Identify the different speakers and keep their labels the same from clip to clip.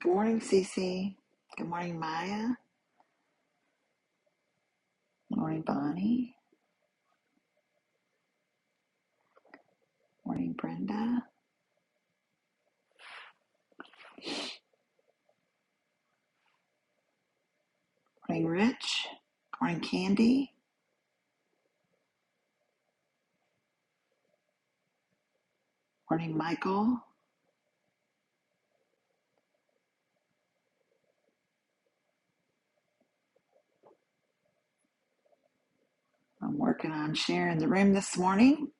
Speaker 1: Good morning, Cece. Good morning, Maya. Good morning, Bonnie. Good morning, Brenda. Good morning, Rich. Good morning, Candy. Good morning, Michael. I'm working on sharing the room this morning.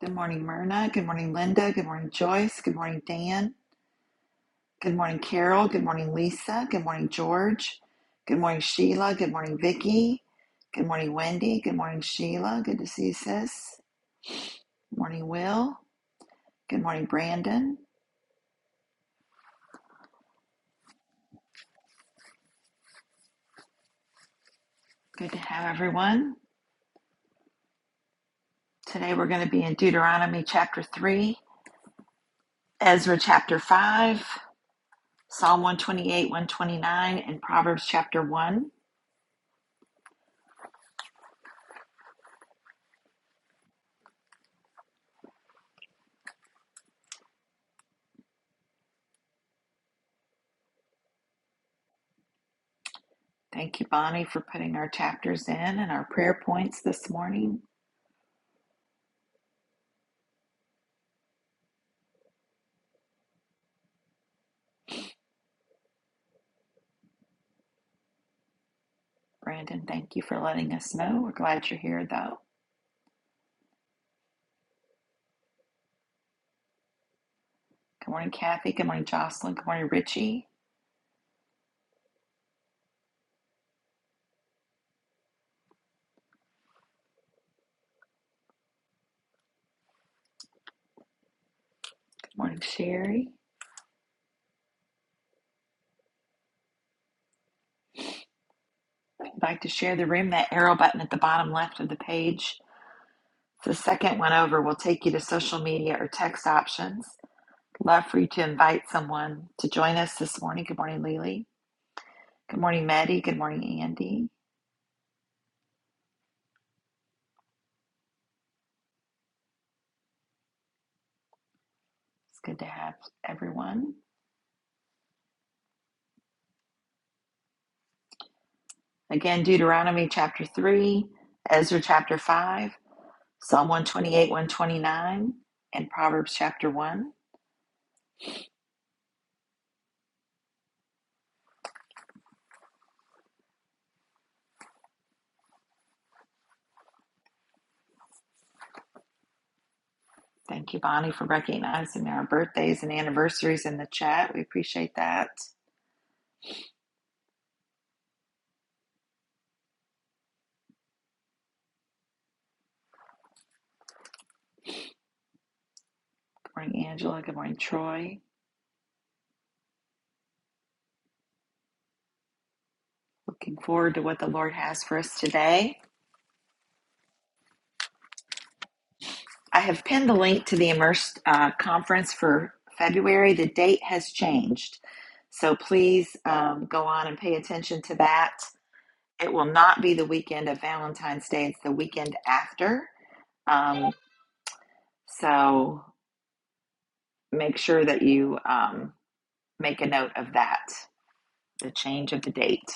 Speaker 1: Good morning, Myrna. Good morning, Linda. Good morning, Joyce. Good morning, Dan. Good morning, Carol. Good morning, Lisa. Good morning, George. Good morning, Sheila. Good morning, Vicky. Good morning, Wendy. Good morning, Sheila. Good to see you, sis. Good morning, Will. Good morning, Brandon. Good to have everyone. Today we're going to be in Deuteronomy chapter 3, Ezra chapter 5, Psalm 128, 129, and Proverbs chapter 1. Thank you, Bonnie, for putting our chapters in and our prayer points this morning. Brandon, thank you for letting us know. We're glad you're here, though. Good morning, Kathy. Good morning, Jocelyn. Good morning, Richie. Good morning, Sherry. If you'd like to share the room, that arrow button at the bottom left of the page. The second one over will take you to social media or text options. Love for you to invite someone to join us this morning. Good morning, Lily. Good morning, Maddie. Good morning, Andy. It's good to have everyone. Again, Deuteronomy chapter 3, Ezra chapter 5, Psalm 128, 129, and Proverbs chapter 1. Thank you, Bonnie, for recognizing our birthdays and anniversaries in the chat. We appreciate that. Good morning, Angela. Good morning, Troy. Looking forward to what the Lord has for us today. I have pinned the link to the Immersed uh, conference for February. The date has changed. So please um, go on and pay attention to that. It will not be the weekend of Valentine's Day, it's the weekend after. Um, so make sure that you um, make a note of that, the change of the date.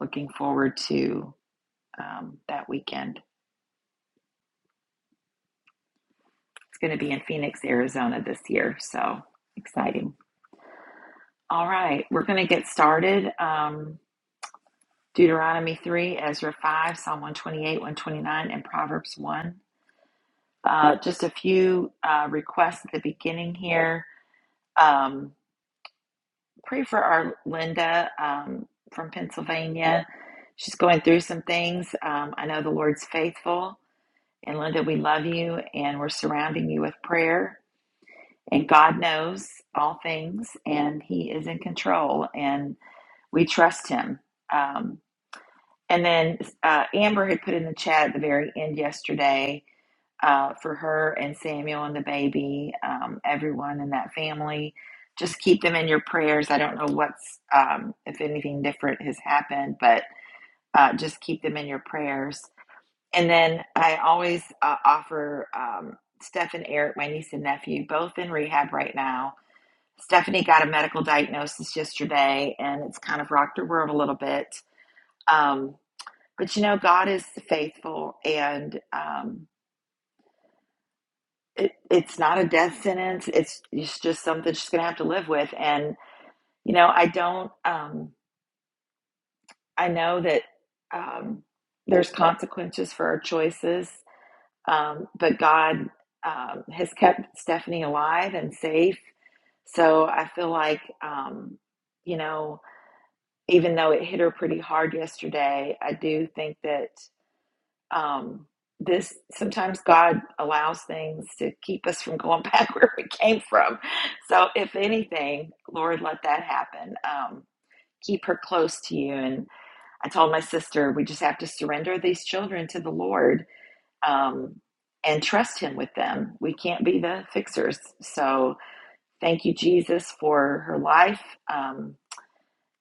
Speaker 1: Looking forward to um, that weekend. It's going to be in Phoenix, Arizona this year. So exciting. All right, we're going to get started. Um, Deuteronomy 3, Ezra 5, Psalm 128, 129, and Proverbs 1. Uh, just a few uh, requests at the beginning here. Um, pray for our Linda um, from Pennsylvania. She's going through some things. Um, I know the Lord's faithful. And Linda, we love you and we're surrounding you with prayer. And God knows all things and He is in control and we trust Him. Um, And then uh, Amber had put in the chat at the very end yesterday uh, for her and Samuel and the baby, um, everyone in that family. Just keep them in your prayers. I don't know what's, um, if anything different has happened, but uh, just keep them in your prayers. And then I always uh, offer um, Steph and Eric, my niece and nephew, both in rehab right now. Stephanie got a medical diagnosis yesterday, and it's kind of rocked her world a little bit. Um, but you know, God is faithful, and um, it, it's not a death sentence. It's it's just something she's going to have to live with. And you know, I don't. Um, I know that um, there's consequences for our choices, um, but God um, has kept Stephanie alive and safe. So I feel like um, you know, even though it hit her pretty hard yesterday, I do think that. um, this sometimes God allows things to keep us from going back where we came from. So, if anything, Lord, let that happen. Um, keep her close to you. And I told my sister, we just have to surrender these children to the Lord um, and trust Him with them. We can't be the fixers. So, thank you, Jesus, for her life. Um,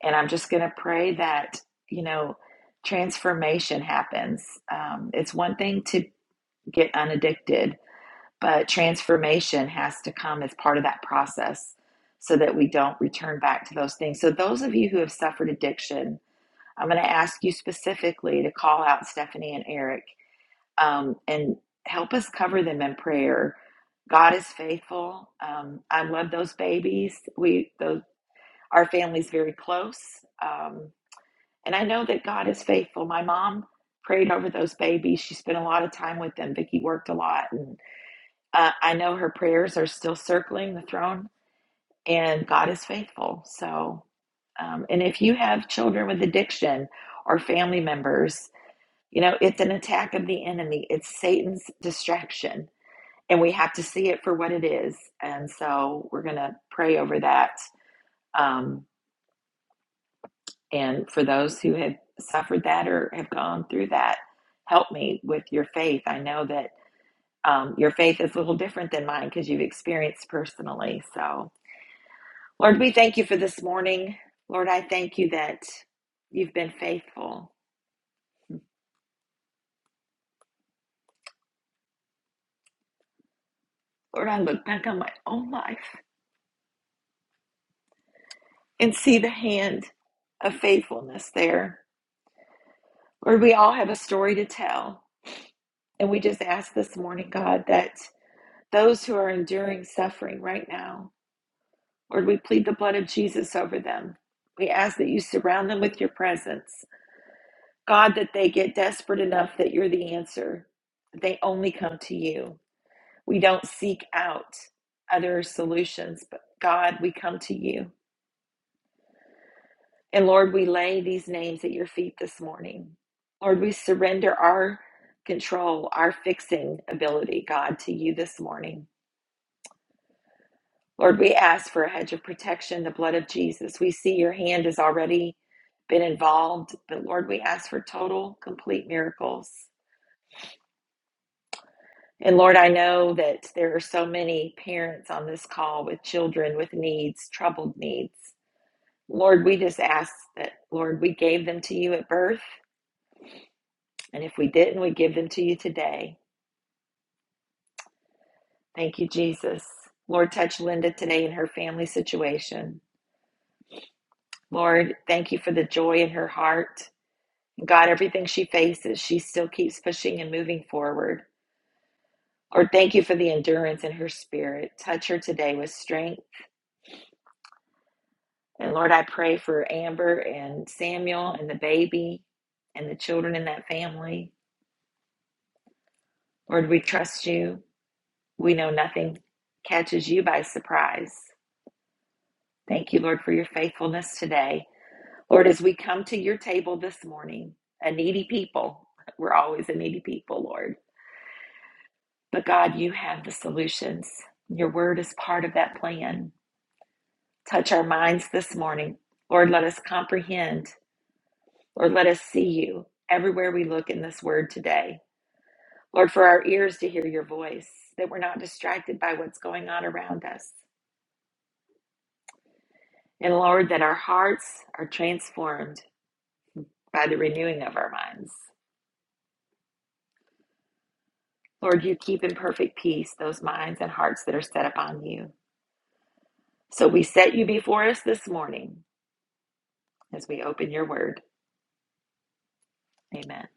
Speaker 1: and I'm just going to pray that, you know, transformation happens. Um, it's one thing to get unaddicted. But transformation has to come as part of that process so that we don't return back to those things. So, those of you who have suffered addiction, I'm going to ask you specifically to call out Stephanie and Eric um, and help us cover them in prayer. God is faithful. Um, I love those babies. We, those, our family's very close. Um, and I know that God is faithful. My mom prayed over those babies. She spent a lot of time with them. Vicki worked a lot, and uh, I know her prayers are still circling the throne, and God is faithful. So, um, and if you have children with addiction or family members, you know, it's an attack of the enemy, it's Satan's distraction, and we have to see it for what it is. And so, we're going to pray over that. Um, and for those who have suffered that or have gone through that, help me with your faith. I know that um, your faith is a little different than mine because you've experienced personally. So, Lord, we thank you for this morning. Lord, I thank you that you've been faithful. Lord, I look back on my own life and see the hand of faithfulness there. Lord, we all have a story to tell. And we just ask this morning, God, that those who are enduring suffering right now, Lord, we plead the blood of Jesus over them. We ask that you surround them with your presence. God, that they get desperate enough that you're the answer. They only come to you. We don't seek out other solutions, but God, we come to you. And Lord, we lay these names at your feet this morning. Lord, we surrender our control, our fixing ability, God, to you this morning. Lord, we ask for a hedge of protection, the blood of Jesus. We see your hand has already been involved, but Lord, we ask for total, complete miracles. And Lord, I know that there are so many parents on this call with children with needs, troubled needs. Lord, we just ask that, Lord, we gave them to you at birth, and if we didn't, we give them to you today. Thank you, Jesus. Lord, touch Linda today in her family situation. Lord, thank you for the joy in her heart. God, everything she faces, she still keeps pushing and moving forward. Lord, thank you for the endurance in her spirit. Touch her today with strength. And Lord, I pray for Amber and Samuel and the baby and the children in that family. Lord, we trust you. We know nothing catches you by surprise. Thank you, Lord, for your faithfulness today. Lord, as we come to your table this morning, a needy people, we're always a needy people, Lord. But God, you have the solutions. Your word is part of that plan. Touch our minds this morning. Lord, let us comprehend. Lord, let us see you everywhere we look in this word today. Lord, for our ears to hear your voice, that we're not distracted by what's going on around us. And Lord, that our hearts are transformed by the renewing of our minds. Lord, you keep in perfect peace those minds and hearts that are set upon you. So we set you before us this morning as we open your word. Amen.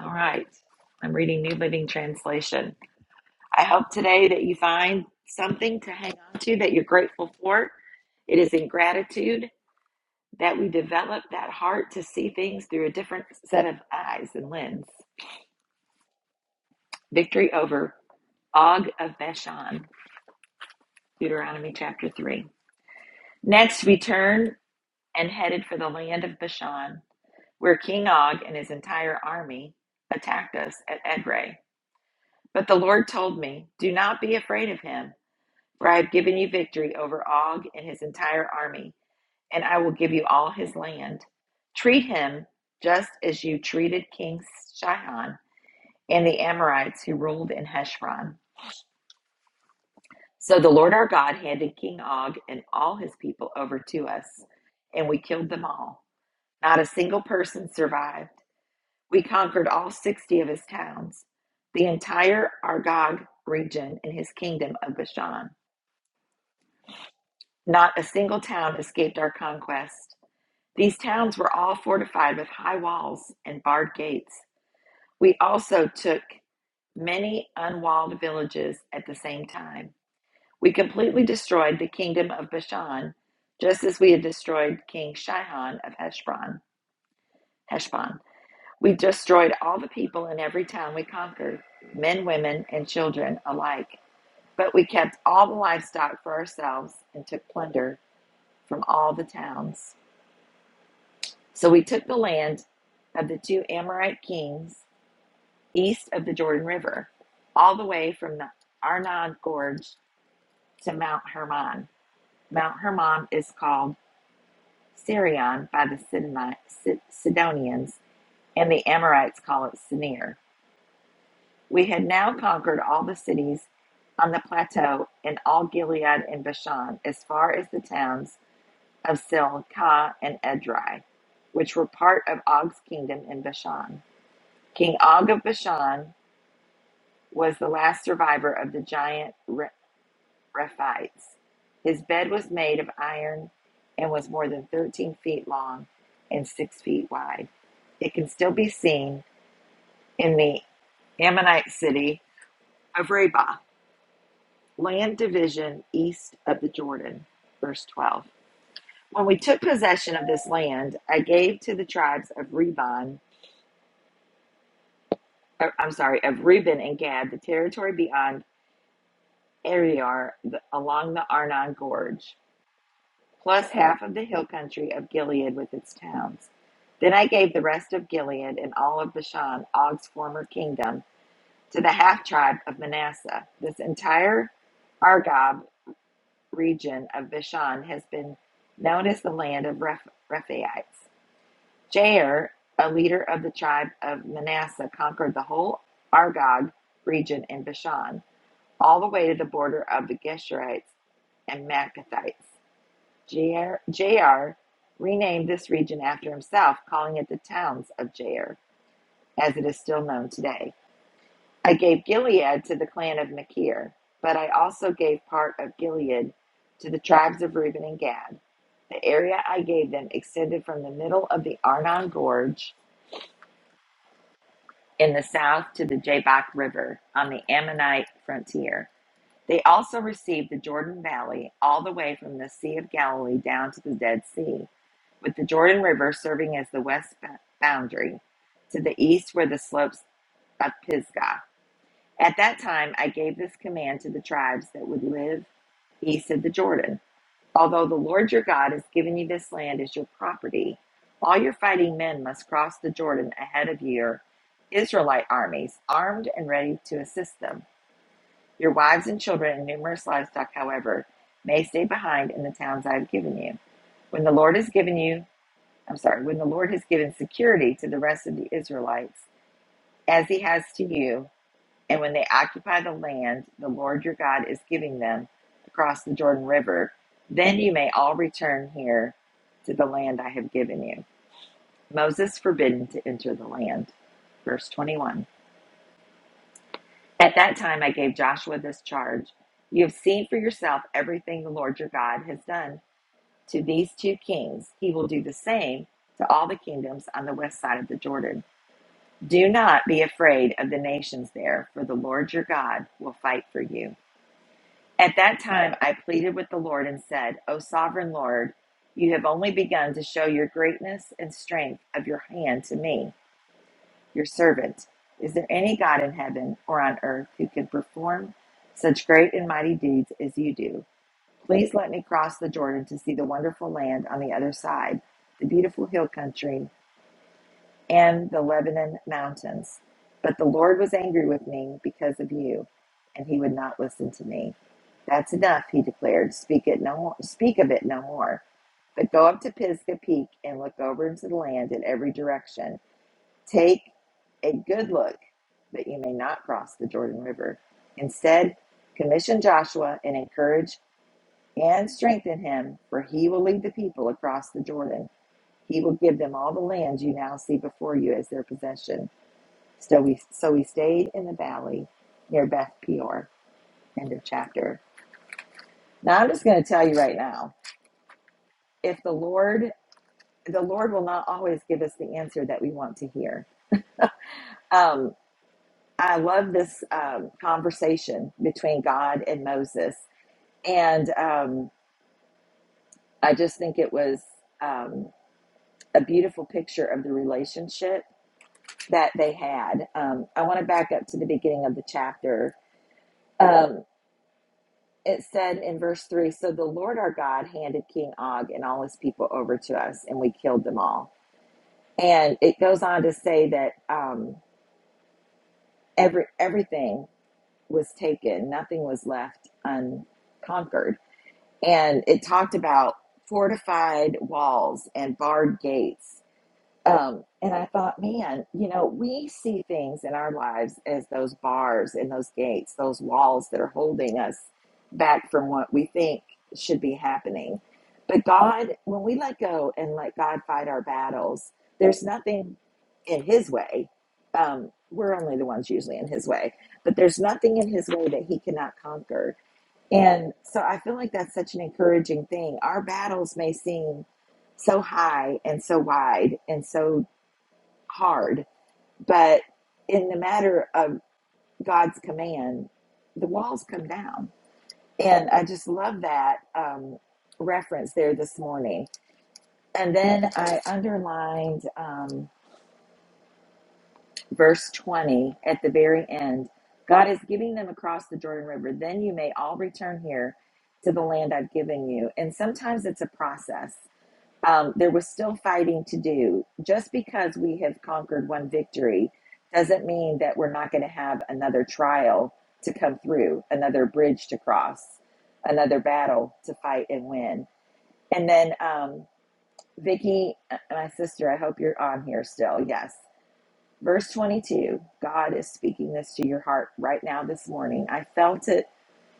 Speaker 1: All right. I'm reading New Living Translation. I hope today that you find something to hang on to that you're grateful for. It is in gratitude that we develop that heart to see things through a different set of eyes and lens. victory over Og of Bashan, Deuteronomy chapter 3. Next, we turned and headed for the land of Bashan, where King Og and his entire army attacked us at Edrei. But the Lord told me, Do not be afraid of him, for I have given you victory over Og and his entire army, and I will give you all his land. Treat him just as you treated King Shihon and the Amorites who ruled in Heshbon. So the Lord our God handed King Og and all his people over to us, and we killed them all. Not a single person survived. We conquered all 60 of his towns, the entire Argog region and his kingdom of Bashan. Not a single town escaped our conquest. These towns were all fortified with high walls and barred gates. We also took many unwalled villages at the same time. We completely destroyed the kingdom of Bashan, just as we had destroyed King Shihon of Heshbon. Heshbon. We destroyed all the people in every town we conquered, men, women, and children alike. But we kept all the livestock for ourselves and took plunder from all the towns. So we took the land of the two Amorite kings east of the Jordan River, all the way from the Arnon Gorge to Mount Hermon. Mount Hermon is called Sirion by the Sidonians, and the Amorites call it Sinir. We had now conquered all the cities on the plateau and all Gilead and Bashan, as far as the towns of Silkah and Edrei, which were part of Og's kingdom in Bashan. King Og of Bashan was the last survivor of the giant Rephites. His bed was made of iron and was more than 13 feet long and 6 feet wide. It can still be seen in the Ammonite city of Rabah, land division east of the Jordan. Verse 12. When we took possession of this land, I gave to the tribes of Reuben, or, I'm sorry, of Reuben and Gad, the territory beyond Ariar, the, along the Arnon Gorge. plus half of the hill country of Gilead with its towns. Then I gave the rest of Gilead and all of Bashan, Og's former kingdom, to the half tribe of Manasseh. This entire Argob region of Bashan has been known as the land of Reph- Rephaites. Jair, a leader of the tribe of Manasseh, conquered the whole Argob region in Bashan, all the way to the border of the Geshurites and Maccathites. Jair, Jair renamed this region after himself, calling it the Towns of Jair, as it is still known today. I gave Gilead to the clan of Machir, but I also gave part of Gilead to the tribes of Reuben and Gad. The area I gave them extended from the middle of the Arnon Gorge in the south to the Jabbok River on the Ammonite frontier. They also received the Jordan Valley all the way from the Sea of Galilee down to the Dead Sea, with the Jordan River serving as the west boundary. To the east were the slopes of Pisgah. At that time, I gave this command to the tribes that would live east of the Jordan. Although the Lord your God has given you this land as your property, all your fighting men must cross the Jordan ahead of your Israelite armies, armed and ready to assist them. Your wives and children and numerous livestock, however, may stay behind in the towns I have given you. When the Lord has given you, I'm sorry, when the Lord has given security to the rest of the Israelites, as he has to you, and when they occupy the land the Lord your God is giving them across the Jordan River, then you may all return here to the land I have given you. Moses forbidden to enter the land. Verse 21. At that time, I gave Joshua this charge You have seen for yourself everything the Lord your God has done to these two kings. He will do the same to all the kingdoms on the west side of the Jordan. Do not be afraid of the nations there, for the Lord your God will fight for you. At that time, I pleaded with the Lord and said, O sovereign Lord, you have only begun to show your greatness and strength of your hand to me your servant. Is there any God in heaven or on earth who can perform such great and mighty deeds as you do? Please let me cross the Jordan to see the wonderful land on the other side, the beautiful hill country, and the Lebanon mountains. But the Lord was angry with me because of you, and he would not listen to me. That's enough, he declared. Speak it no more. Speak of it no more. But go up to Pisgah Peak and look over into the land in every direction. Take a good look that you may not cross the Jordan River. Instead, commission Joshua and encourage and strengthen him, for he will lead the people across the Jordan. He will give them all the land you now see before you as their possession. So we so we stayed in the valley near Beth Peor. End of chapter. Now I'm just going to tell you right now, if the Lord the Lord will not always give us the answer that we want to hear. Um, I love this um, conversation between God and Moses. And um, I just think it was um, a beautiful picture of the relationship that they had. Um, I want to back up to the beginning of the chapter. Um, it said in verse 3 So the Lord our God handed King Og and all his people over to us, and we killed them all. And it goes on to say that um, every, everything was taken, nothing was left unconquered and it talked about fortified walls and barred gates. Um, and I thought, man, you know, we see things in our lives as those bars and those gates, those walls that are holding us back from what we think should be happening. But God, when we let go and let God fight our battles, there's nothing in His way. Um, we're only the ones usually in His way, but there's nothing in His way that He cannot conquer. And so I feel like that's such an encouraging thing. Our battles may seem so high and so wide and so hard, but in the matter of God's command, the walls come down. And I just love that um, reference there this morning. And then I underlined. um, verse 20 at the very end god is giving them across the jordan river then you may all return here to the land i've given you and sometimes it's a process um, there was still fighting to do just because we have conquered one victory doesn't mean that we're not going to have another trial to come through another bridge to cross another battle to fight and win and then um, vicki uh, my sister i hope you're on here still yes Verse 22 God is speaking this to your heart right now this morning. I felt it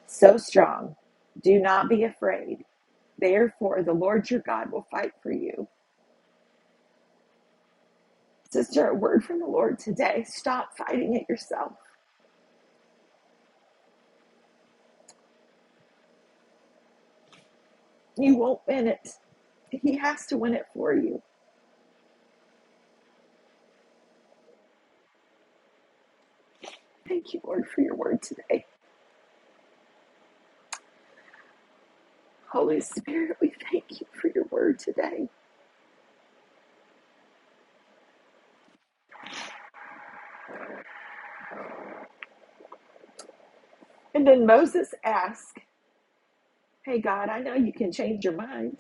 Speaker 1: so strong. Do not be afraid. Therefore, the Lord your God will fight for you. Sister, a word from the Lord today. Stop fighting it yourself. You won't win it. He has to win it for you. Thank you, Lord, for your word today. Holy Spirit, we thank you for your word today. And then Moses asked, Hey, God, I know you can change your mind.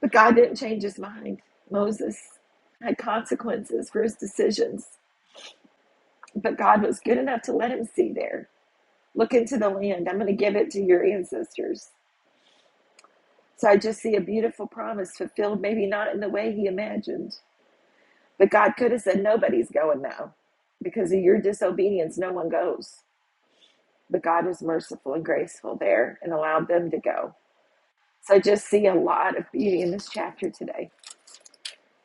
Speaker 1: But God didn't change his mind. Moses had consequences for his decisions, but God was good enough to let him see there. Look into the land. I'm going to give it to your ancestors. So I just see a beautiful promise fulfilled, maybe not in the way he imagined, but God could have said, Nobody's going now. Because of your disobedience, no one goes. But God was merciful and graceful there and allowed them to go. So I just see a lot of beauty in this chapter today.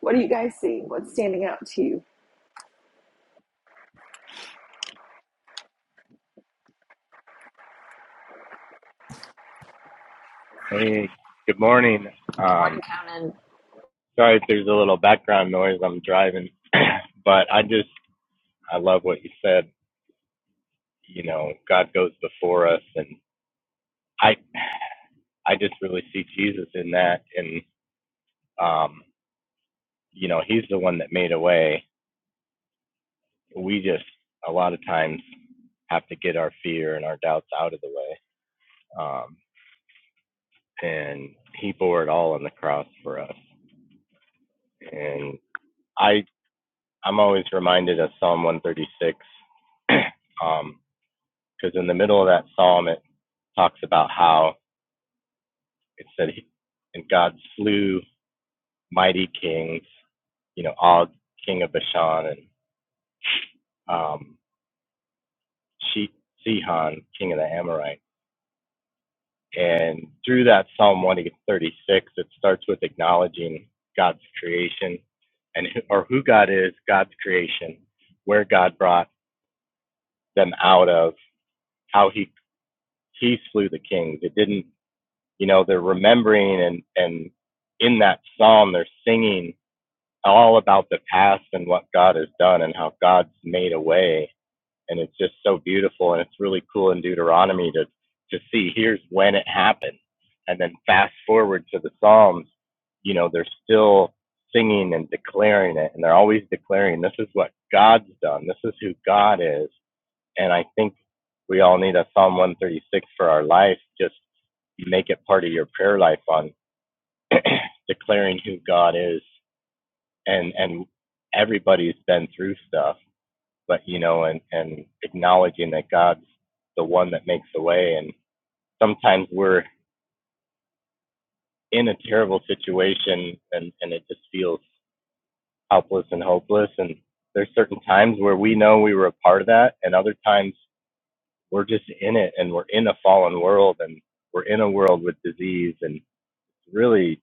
Speaker 1: What are you guys seeing? What's standing out to you?
Speaker 2: Hey, good morning. Um,
Speaker 1: Morning, Conan.
Speaker 2: sorry if there's a little background noise. I'm driving, but I just I love what you said. You know, God goes before us, and I I just really see Jesus in that, and um, you know, He's the one that made a way. We just a lot of times have to get our fear and our doubts out of the way, um, and He bore it all on the cross for us. And I I'm always reminded of Psalm 136. Um, because in the middle of that psalm it talks about how it said he, and God slew mighty kings, you know, Og, king of Bashan, and um, she, Sihon, king of the Amorites. And through that Psalm 136, it starts with acknowledging God's creation and who- or who God is, God's creation, where God brought them out of, how he he slew the kings. It didn't you know they're remembering and and in that psalm they're singing all about the past and what god has done and how god's made a way and it's just so beautiful and it's really cool in deuteronomy to to see here's when it happened and then fast forward to the psalms you know they're still singing and declaring it and they're always declaring this is what god's done this is who god is and I think we all need a Psalm 136 for our life. Just make it part of your prayer life on declaring who God is. And and everybody's been through stuff, but you know, and and acknowledging that God's the one that makes the way. And sometimes we're in a terrible situation, and and it just feels helpless and hopeless. And there's certain times where we know we were a part of that, and other times we're just in it and we're in a fallen world and we're in a world with disease and really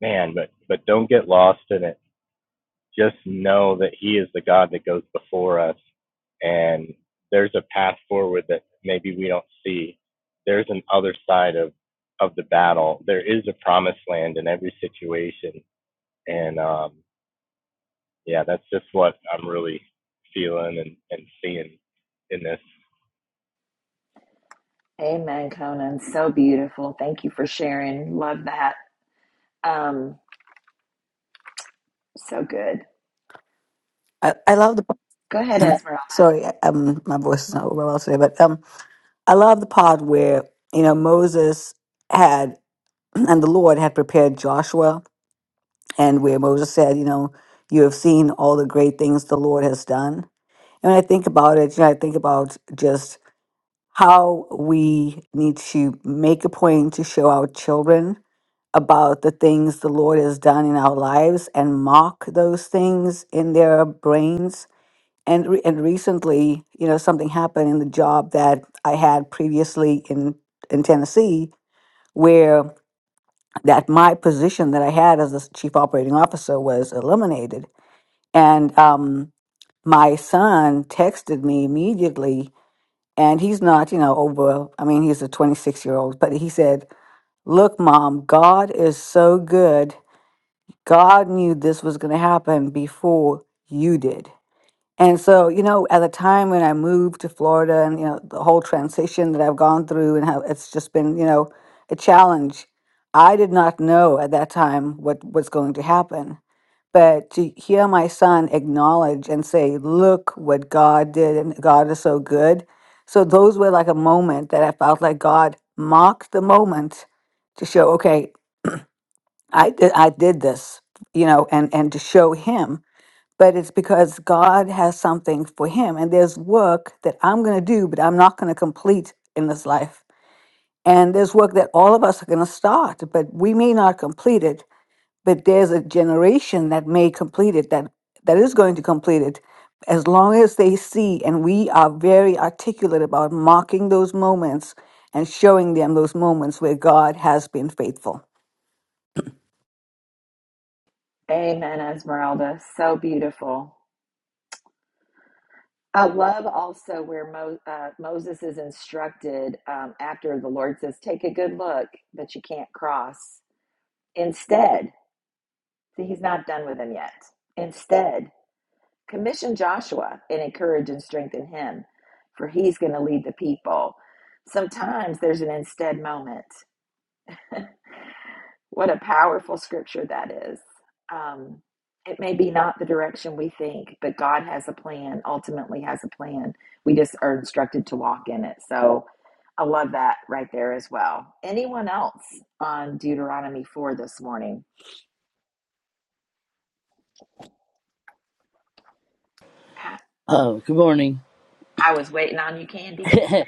Speaker 2: man but but don't get lost in it just know that he is the god that goes before us and there's a path forward that maybe we don't see there's an other side of of the battle there is a promised land in every situation and um yeah that's just what i'm really feeling and and seeing in this
Speaker 1: Amen, Conan. So beautiful. Thank you for sharing. Love that. Um, so good.
Speaker 3: I, I love the
Speaker 1: Go ahead, Esmeralda.
Speaker 3: sorry, um, my voice is not well today, but um, I love the part where you know Moses had and the Lord had prepared Joshua, and where Moses said, you know, you have seen all the great things the Lord has done. And when I think about it, you know, I think about just how we need to make a point to show our children about the things the Lord has done in our lives and mark those things in their brains and re- and recently, you know, something happened in the job that I had previously in in Tennessee, where that my position that I had as the s- chief operating officer was eliminated, and um, my son texted me immediately, and he's not, you know, over. I mean, he's a 26 year old, but he said, "Look, mom, God is so good. God knew this was going to happen before you did." And so, you know, at the time when I moved to Florida and, you know, the whole transition that I've gone through and how it's just been, you know, a challenge, I did not know at that time what was going to happen. But to hear my son acknowledge and say, look what God did and God is so good. So those were like a moment that I felt like God marked the moment to show, okay, I did, I did this, you know, and, and to show him but it's because God has something for him. And there's work that I'm going to do, but I'm not going to complete in this life. And there's work that all of us are going to start, but we may not complete it. But there's a generation that may complete it, that, that is going to complete it, as long as they see. And we are very articulate about marking those moments and showing them those moments where God has been faithful.
Speaker 1: Amen, Esmeralda. So beautiful. I love also where Mo- uh, Moses is instructed um, after the Lord says, Take a good look, but you can't cross. Instead, see, he's not done with him yet. Instead, commission Joshua and encourage and strengthen him, for he's going to lead the people. Sometimes there's an instead moment. What a powerful scripture that is. Um, it may be not the direction we think, but God has a plan, ultimately has a plan. We just are instructed to walk in it. So I love that right there as well. Anyone else on Deuteronomy 4 this morning? I
Speaker 4: Oh, good morning.
Speaker 1: was waiting on you, Candy.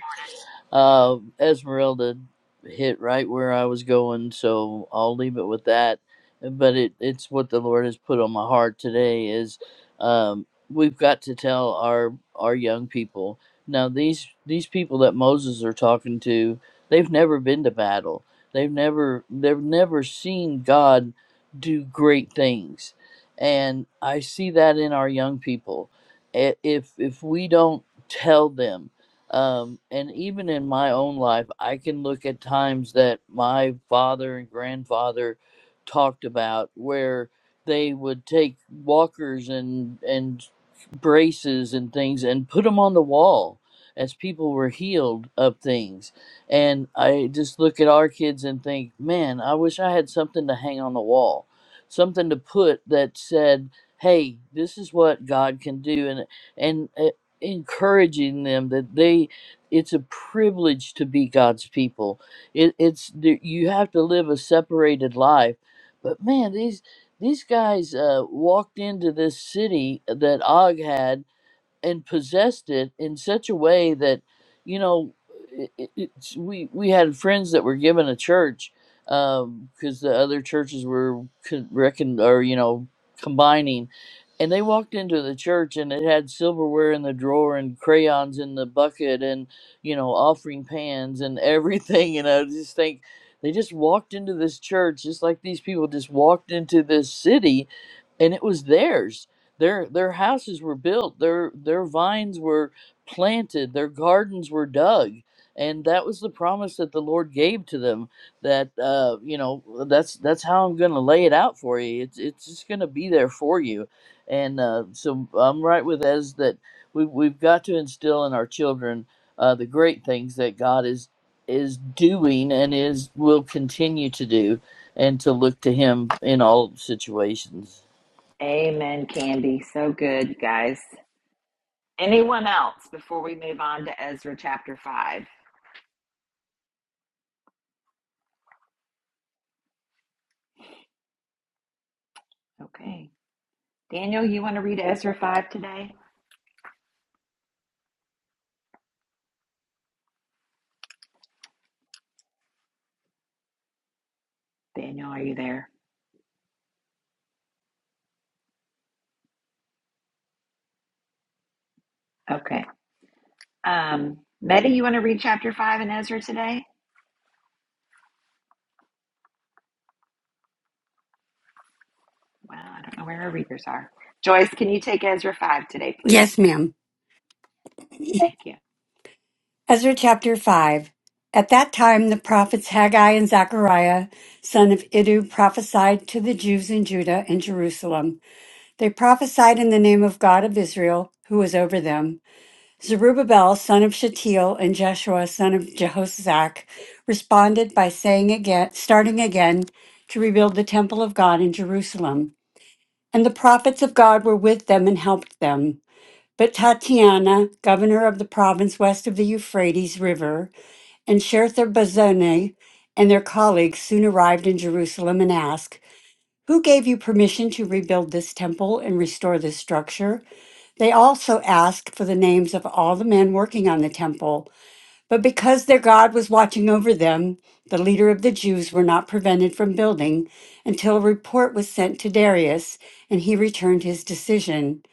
Speaker 4: Uh, Esmeralda hit right where I was going, so I'll leave it with that. But it, it's what the Lord has put on my heart today is um, we've got to tell our our young people now these these people that Moses are talking to they've never been to battle they've never they've never seen God do great things and I see that in our young people I- if if we don't tell them um, and even in my own life, I can look at times that my father and grandfather talked about where they would take walkers and and braces and things and put them on the wall as people were healed of things. And I just look at our kids and think, man, I wish I had something to hang on the wall, something to put that said, hey, this is what God can do. And, and encouraging them that they it's a privilege to be God's people. It, it's the- you have to live a separated life, but man, these these guys uh, walked into this city that Og had and possessed it in such a way that you know it, it- it's, we we had friends that were given a church because the other churches were con- reckon or you know combining and they walked into the church and it had silverware in the drawer and crayons in the bucket and you know offering pans and everything and i just think they just walked into this church just like these people just walked into this city and it was theirs their their houses were built, their their vines were planted, their gardens were dug, and that was the promise that the Lord gave to them. That uh, you know, that's that's how I'm going to lay it out for you. It's it's just going to be there for you, and uh, so I'm right with Ez that we we've got to instill in our children uh, the great things that God is is doing and is will continue to do and to look to him in all situations.
Speaker 1: Amen, Candy. So good, you guys. Anyone else before we move on to Ezra chapter 5? Okay. Daniel, you want to read Ezra 5 today? Daniel, are you there? Okay. Um, Meta, you want to read chapter 5 in Ezra today? Well, I don't know where our readers are. Joyce, can you take Ezra 5 today, please?
Speaker 5: Yes, ma'am.
Speaker 6: Good
Speaker 1: Thank
Speaker 5: Ezra chapter 5. At that time, the prophets Haggai and Zechariah, son of Iddu, prophesied to the Jews in Judah and Jerusalem. They prophesied in the name of God of Israel, who was over them. Zerubbabel, son of Shealtiel, and Jeshua, son of Jehoshaphat, responded by saying again, starting again, to rebuild the temple of God in Jerusalem. And the prophets of God were with them and helped them. But Tatiana, governor of the province west of the Euphrates River, and Shertha-Bozenah and their colleagues soon arrived in Jerusalem and asked, Who gave you permission to rebuild this temple and restore this structure? They also asked for the names of all the men working on the temple. But because their God was watching over them, the leader of the Jews were not prevented from building until a report was sent to Darius, and he returned his decision.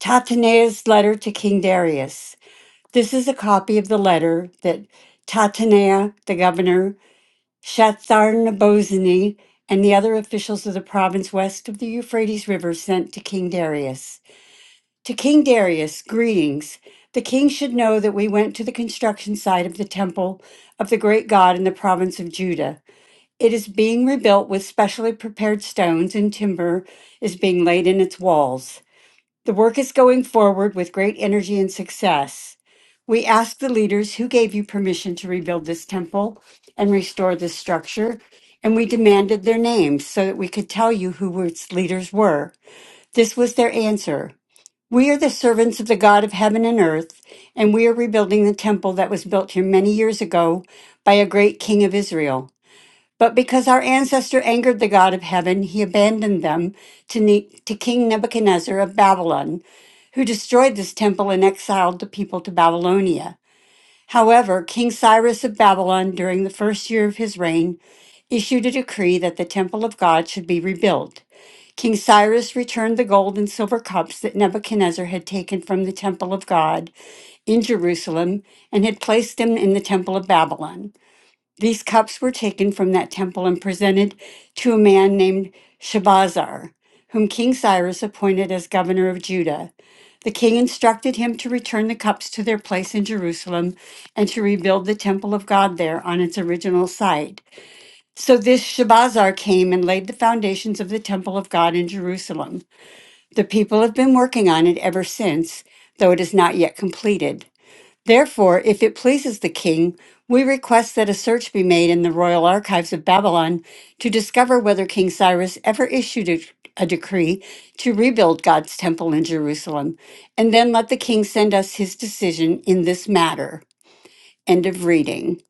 Speaker 5: Tatenae's letter to King Darius. This is a copy of the letter that Tatanea, the governor, Shatharnabozani, and the other officials of the province west of the Euphrates River sent to King Darius. To King Darius, greetings. The king should know that we went to the construction site of the temple of the great God in the province of Judah. It is being rebuilt with specially prepared stones, and timber is being laid in its walls. The work is going forward with great energy and success. We ask the leaders who gave you permission to rebuild this temple and restore this structure, and we demanded their names so that we could tell you who its leaders were. This was their answer. We are the servants of the God of heaven and earth, and we are rebuilding the temple that was built here many years ago by a great king of Israel. But because our ancestor angered the God of heaven, he abandoned them to, ne- to King Nebuchadnezzar of Babylon, who destroyed this temple and exiled the people to Babylonia. However, King Cyrus of Babylon, during the first year of his reign, issued a decree that the temple of God should be rebuilt. King Cyrus returned the gold and silver cups that Nebuchadnezzar had taken from the temple of God in Jerusalem and had placed them in the temple of Babylon. These cups were taken from that temple and presented to a man named Shabazar, whom King Cyrus appointed as governor of Judah. The king instructed him to return the cups to their place in Jerusalem and to rebuild the temple of God there on its original site. So this Shabazar came and laid the foundations of the temple of God in Jerusalem. The people have been working on it ever since, though it is not yet completed. Therefore, if it pleases the king, we request that a search be made in the royal archives of Babylon to discover whether King Cyrus ever issued a, a decree to rebuild God's temple in Jerusalem, and then let the king send us his decision in this matter. End of reading.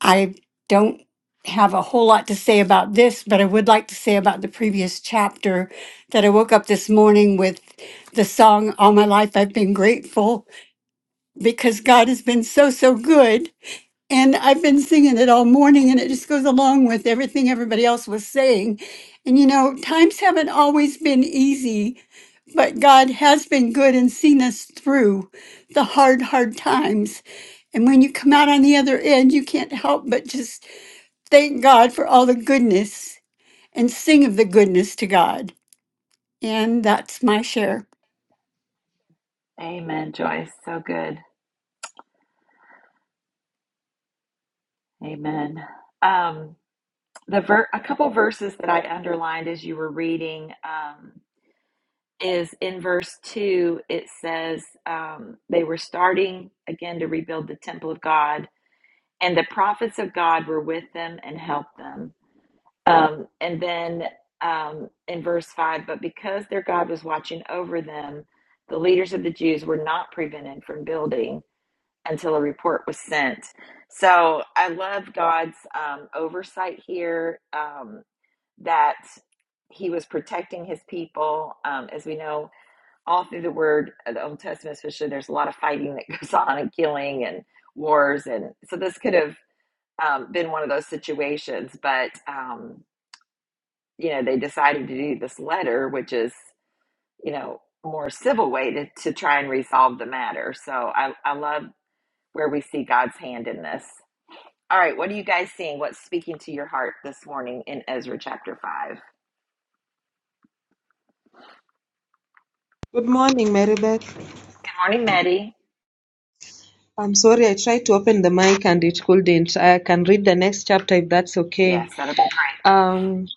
Speaker 5: I don't have a whole lot to say about this, but I would like to say about the previous chapter that I woke up this morning with the song All My Life I've Been Grateful because God has been so, so good. And I've been singing it all morning, and it just goes along with everything everybody else was saying. And you know, times haven't always been easy, but God has been good and seen us through the hard, hard times. And when you come out on the other end, you can't help but just thank God for all the goodness and sing of the goodness to God. And that's my share.
Speaker 1: you. Amen, Joyce. So good. Amen. Um, the ver- a couple verses that I underlined as you were reading um, is in verse 2, it says um, they were starting again to rebuild the temple of God, and the prophets of God were with them and helped them. Um, and then um, in verse 5, but because their God was watching over them, the leaders of the Jews were not prevented from building until a report was sent. So I love God's um, oversight here um, that he was protecting his people. Um, as we know, all through the word, uh, the Old Testament especially, there's a lot of fighting that goes on and killing and wars. And so this could have um, been one of those situations, but. Um, you know, they decided to do this letter, which is, you know, more civil way to, to try and resolve the matter. So I, I love where we see God's hand in this. All right, what are you guys seeing? What's speaking to your heart this morning in Ezra chapter 5? Good
Speaker 6: morning, Marybeth.
Speaker 1: morning, Maddie.
Speaker 6: I'm sorry, I tried to open the mic and it couldn't. I can read the next chapter if that's okay.
Speaker 1: Yes, that'll be great.
Speaker 6: Um,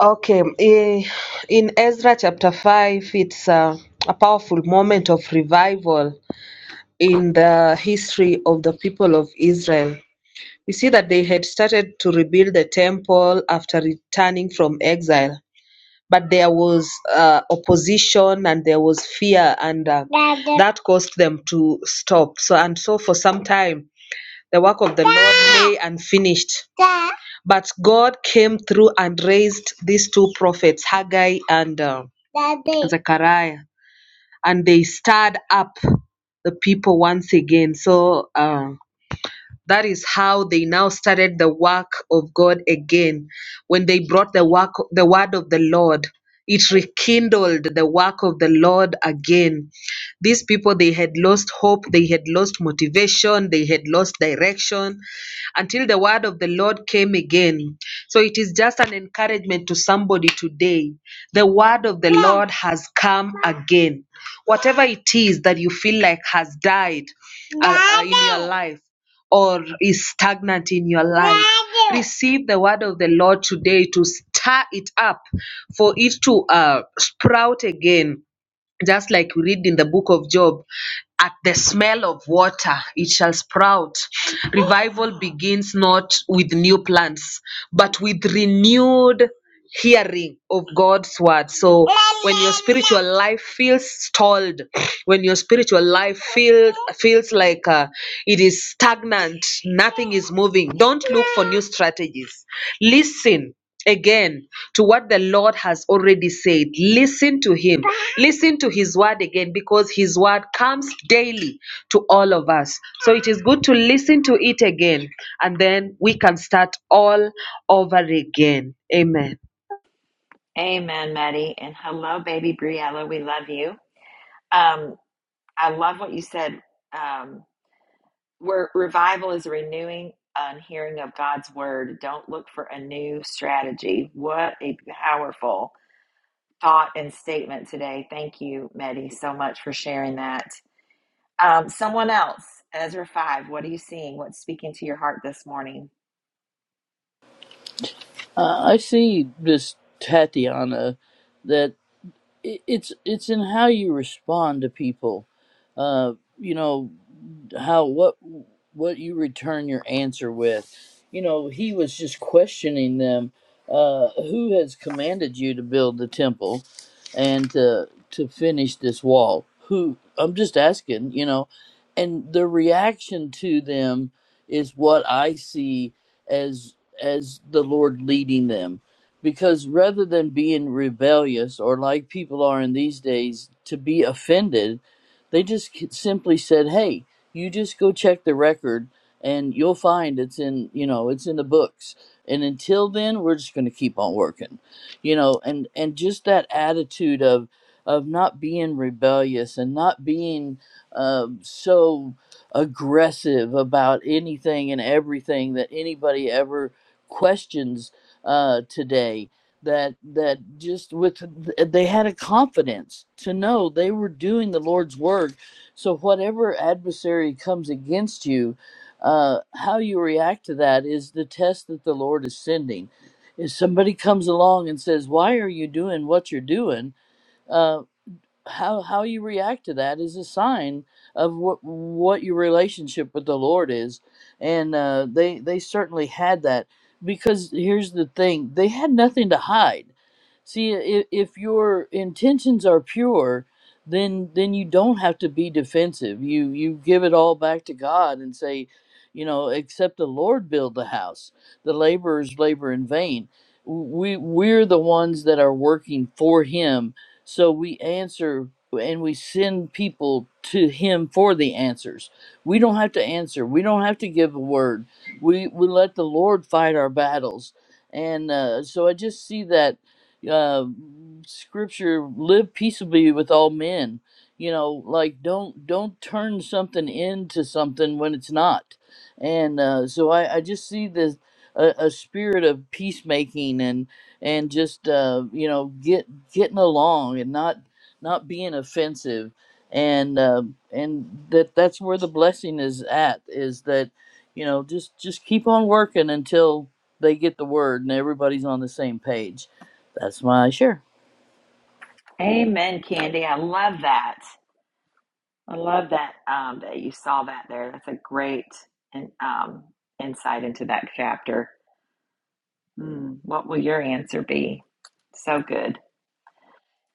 Speaker 6: okay, eh, in Ezra chapter 5, it's a, a powerful moment of revival in the history of the people of Israel. We see that they had started to rebuild the temple after returning from exile. but there was uh, opposition and there was fear and uh, that caused them to stop so and so for some time the work of the lord lay unfinished but god came through and raised these two prophets haggai and uh, zechariah and they stirred up the people once again so uh, that is how they now started the work of God again. When they brought the work, the word of the Lord, it rekindled the work of the Lord again. These people, they had lost hope, they had lost motivation, they had lost direction until the word of the Lord came again. So it is just an encouragement to somebody today. The word of the Lord has come again. Whatever it is that you feel like has died uh, uh, in your life, or is stagnant in your life. Receive the word of the Lord today to stir it up for it to uh, sprout again. Just like we read in the book of Job, at the smell of water it shall sprout revival begins not with new plants but with renewed hearing of god's word so when your spiritual life feels stalled when your spiritual life feel, feels like uh, it is stagnant nothing is moving don't look for new strategies listen again to what the Lord has already said. Listen to Him. Listen to His word again because His word comes daily to all of us. So it is good to listen to it again and then we can start all over again. Amen.
Speaker 1: Amen, Maddie. And hello, baby Briella. We love you. Um, I love what you said. Um, Where revival is renewing and hearing of God's word. Don't look for a new strategy. What a powerful thought and statement today. Thank you, Medi, so much for sharing that. Um, someone else, Ezra 5, what are you seeing? What's speaking to your heart this morning?
Speaker 4: Uh, I see this Tatiana that i- it's it's in how you respond to people. Uh, you know, how what what you return your answer with you know he was just questioning them uh who has commanded you to build the temple and to to finish this wall who i'm just asking you know and the reaction to them is what i see as as the lord leading them because rather than being rebellious or like people are in these days to be offended they just simply said, "Hey, you just go check the record and you'll find it's in, you know, it's in the books. And until then, we're just going to keep on working. You know, and and just that attitude of of not being rebellious and not being um, so aggressive about anything and everything that anybody ever questions uh, today that that just with they had a confidence to know they were doing the lord's work so, whatever adversary comes against you, uh, how you react to that is the test that the Lord is sending. If somebody comes along and says, Why are you doing what you're doing? Uh, how how you react to that is a sign of what what your relationship with the Lord is, and uh, they they certainly had that because here's the thing they had nothing to hide. See, if, if your intentions are pure, then then you don't have to be defensive. You you give it all back to God and say, you know, except the Lord build the house, the laborers labor in vain. We we're the ones that are working for Him so we answer and we send people to him for the answers. We don't have to answer. We don't have to give a word. We we let the Lord fight our battles. And uh, so I just see that uh, scripture live peaceably with all men. You know, like don't don't turn something into something when it's not. And uh, so I, I just see this a, a spirit of peacemaking and and just uh, you know get getting along and not not being offensive and uh, and that that's where the blessing is at is that you know just just keep on working until they get the word and everybody's on the same page that's my share
Speaker 1: Amen, Candy. I love that. I love that um, that you saw that there. That's a great in, um, insight into that chapter. Mm, what will your answer be? So good.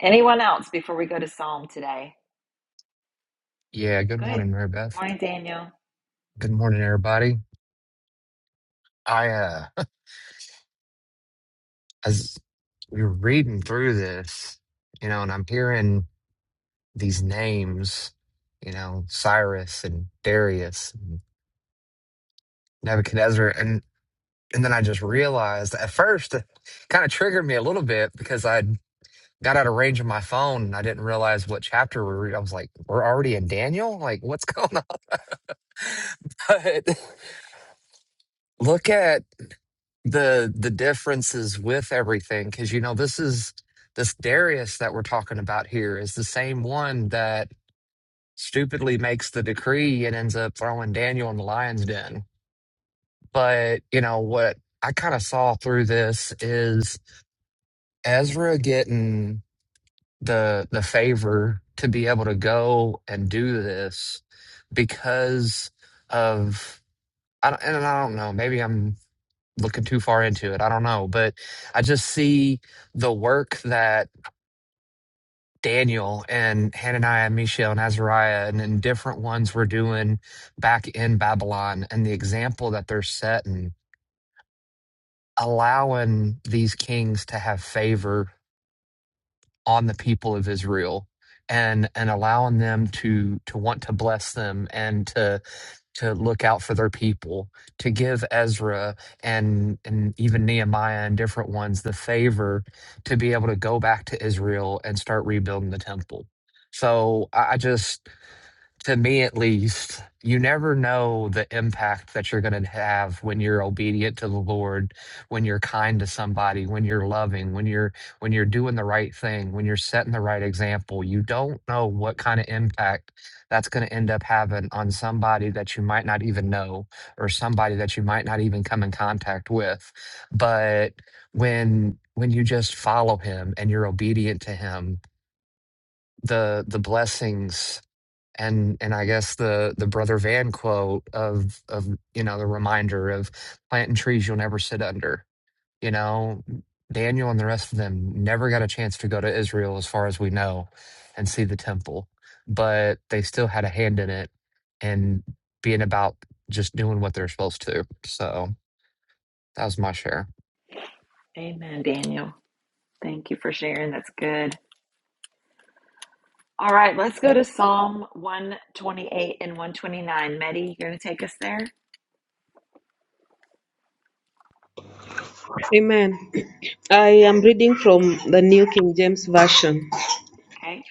Speaker 1: Anyone else before we go to Psalm today?
Speaker 7: Yeah, good
Speaker 1: Good
Speaker 7: morning, Mary Beth.
Speaker 1: morning, Daniel.
Speaker 7: Good morning, everybody. I uh as we were reading through this, you know, and I'm hearing these names, you know, Cyrus and Darius, Nebuchadnezzar, and and then I just realized at first it kind of triggered me a little bit because I got out of range of my phone and I didn't realize what chapter we were. I was like, we're already in Daniel? Like, what's going on? But look at the the differences with everything because you know this is this Darius that we're talking about here is the same one that stupidly makes the decree and ends up throwing Daniel in the lion's den. But you know what I kind of saw through this is Ezra getting the the favor to be able to go and do this because of I don't, and I don't know maybe I'm looking too far into it. I don't know, but I just see the work that Daniel and Hananiah and Mishael and Azariah and, and different ones were doing back in Babylon and the example that they're setting, allowing these kings to have favor on the people of Israel and and allowing them to to want to bless them and to to look out for their people to give Ezra and and even Nehemiah and different ones the favor to be able to go back to Israel and start rebuilding the temple so I, I just to me at least, you never know the impact that you're going to have when you're obedient to the Lord, when you're kind to somebody, when you're loving, when you're when you're doing the right thing, when you're setting the right example. You don't know what kind of impact that's going to end up having on somebody that you might not even know or somebody that you might not even come in contact with. But when when you just follow him and you're obedient to him, the the blessings and and I guess the the brother Van quote of of you know the reminder of planting trees you'll never sit under. You know, Daniel and the rest of them never got a chance to go to Israel, as far as we know, and see the temple, but they still had a hand in it and being about just doing what they're supposed to. So that was my share.
Speaker 1: Amen, Daniel. Thank you for sharing. That's good. All right, let's go to Psalm 128 and 129. Medi, you're going to take us there?
Speaker 6: Amen. I am reading from the New King James Version.
Speaker 1: Okay.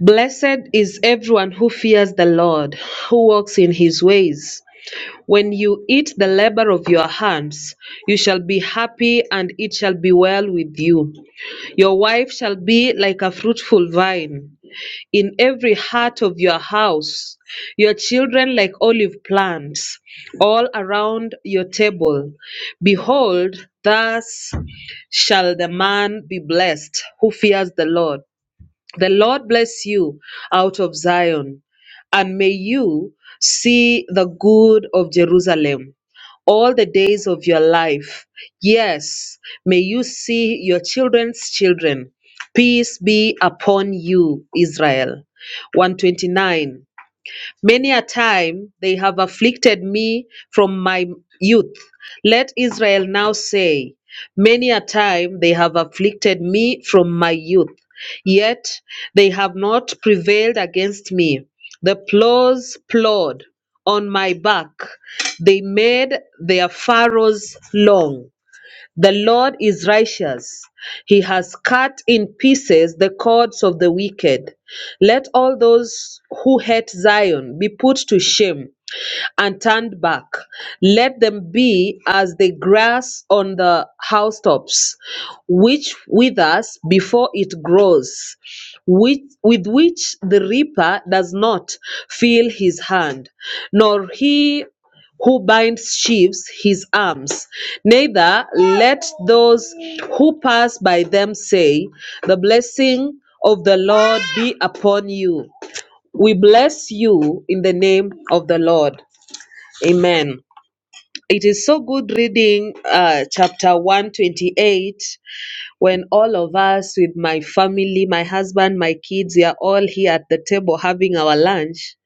Speaker 6: Blessed is everyone who fears the Lord, who walks in His ways. When you eat the labor of your hands, you shall be happy, and it shall be well with you. Your wife shall be like a fruitful vine in every heart of your house, your children like olive plants all around your table. Behold, thus shall the man be blessed who fears the Lord. The Lord bless you out of Zion, and may you see the good of Jerusalem all the days of your life. Yes, may you see your children's children. Peace be upon you, Israel. 129. Many a time they have afflicted me from my youth. Let Israel now say, Many a time they have afflicted me from my youth, yet they have not prevailed against me. The plows plowed on my back, they made their furrows long. The Lord is righteous. He has cut in pieces the cords of the wicked. Let all those who hate Zion be put to shame and turned back. Let them be as the grass on the housetops, which withers before it grows, which, with which the reaper does not feel his hand, nor he who binds sheaves his arms. Neither let those who pass by them say, The blessing of the Lord be upon you. We bless you in the name of the Lord. Amen. It is so good reading uh, chapter 128 when all of us, with my family, my husband, my kids, we are all here at the table having our lunch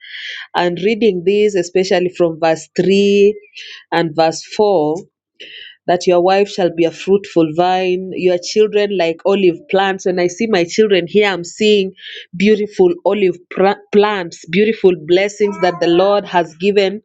Speaker 6: and reading this, especially from verse 3 and verse 4 that your wife shall be a fruitful vine, your children like olive plants. When I see my children here, I'm seeing beautiful olive pr- plants, beautiful blessings that the Lord has given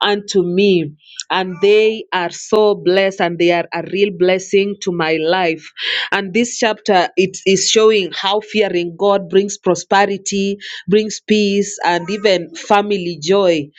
Speaker 6: unto me. And they are so blessed and they are a real blessing to my life. And this chapter, it is showing how fearing God brings prosperity, brings peace, and even family joy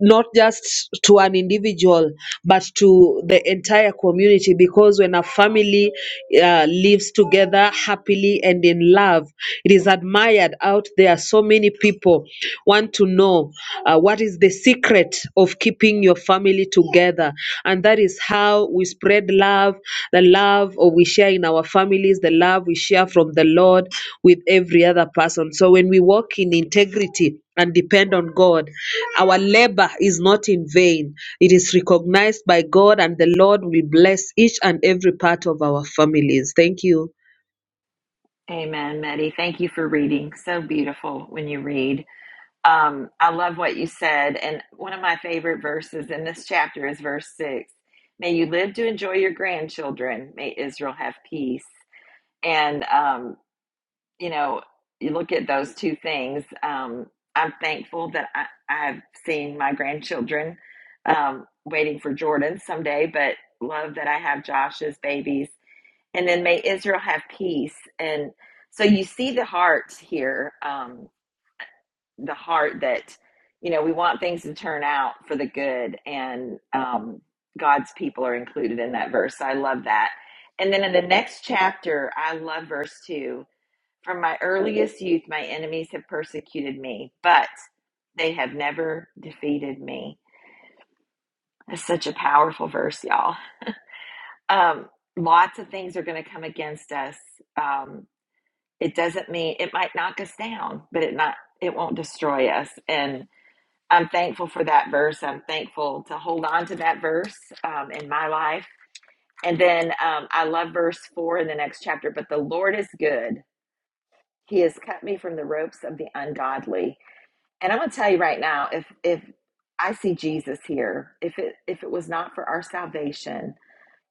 Speaker 6: not just to an individual, but to the entire community. Because when a family uh, lives together happily and in love, it is admired out there. So many people want to know uh, what is the secret of keeping your family together, and that is how we spread love, the love or we share in our families, the love we share from the Lord with every other person. So when we walk in integrity and depend on God. Our labor is not in vain. It is recognized by God, and the Lord will bless each and every part of our families. Thank you.
Speaker 1: Amen, Medi. Thank you for reading. So beautiful when you read. Um, I love what you said. And one of my favorite verses in this chapter is verse six. May you live to enjoy your grandchildren. May Israel have peace. And, um, you know, you look at those two things. Um, I'm thankful that I, I've seen my grandchildren um, waiting for Jordan someday, but love that I have Josh's babies. And then may Israel have peace. And so you see the heart here. Um, the heart that you know we want things to turn out for the good and um, god's people are included in that verse So i love that and then in the next chapter i love verse 2 from my earliest youth my enemies have persecuted me but they have never defeated me that's such a powerful verse y'all um, lots of things are going to come against us um, it doesn't mean it might knock us down but it not it won't destroy us and I'm thankful for that verse. I'm thankful to hold on to that verse um, in my life. And then um, I love verse four in the next chapter, but the Lord is good. He has cut me from the ropes of the ungodly. And I'm going to tell you right now, if, if I see Jesus here, if it, if it was not for our salvation,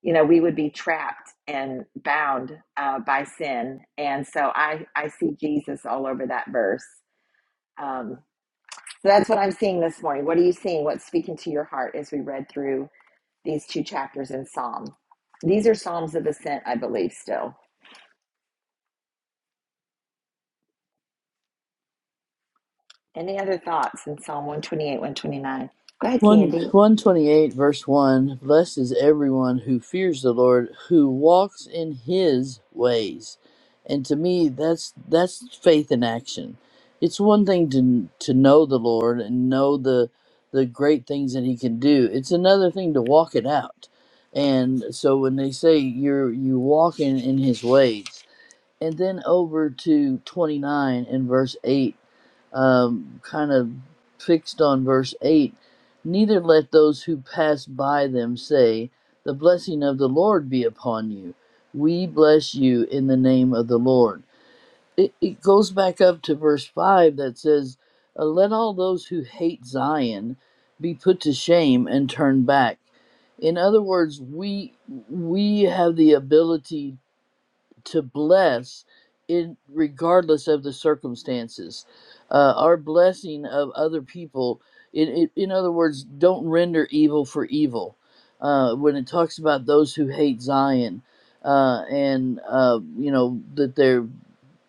Speaker 1: you know, we would be trapped and bound uh, by sin. And so I, I see Jesus all over that verse. Um, So that's what I'm seeing this morning. What are you seeing? What's speaking to your heart as we read through these two chapters in Psalm? These are Psalms of Ascent, I believe, still. Any other thoughts in Psalm 128, 129? Go ahead,
Speaker 4: 1,
Speaker 1: Candy.
Speaker 4: 128 verse 1 Blessed is everyone who fears the Lord, who walks in his ways. And to me that's that's faith in action. It's one thing to to know the Lord and know the the great things that he can do. It's another thing to walk it out. And so when they say you're you walking in his ways. And then over to 29 and verse 8 um, kind of fixed on verse 8 neither let those who pass by them say the blessing of the lord be upon you we bless you in the name of the lord it, it goes back up to verse 5 that says uh, let all those who hate zion be put to shame and turn back in other words we we have the ability to bless in regardless of the circumstances uh, our blessing of other people it, it, in other words don't render evil for evil uh, when it talks about those who hate zion uh, and uh, you know that they're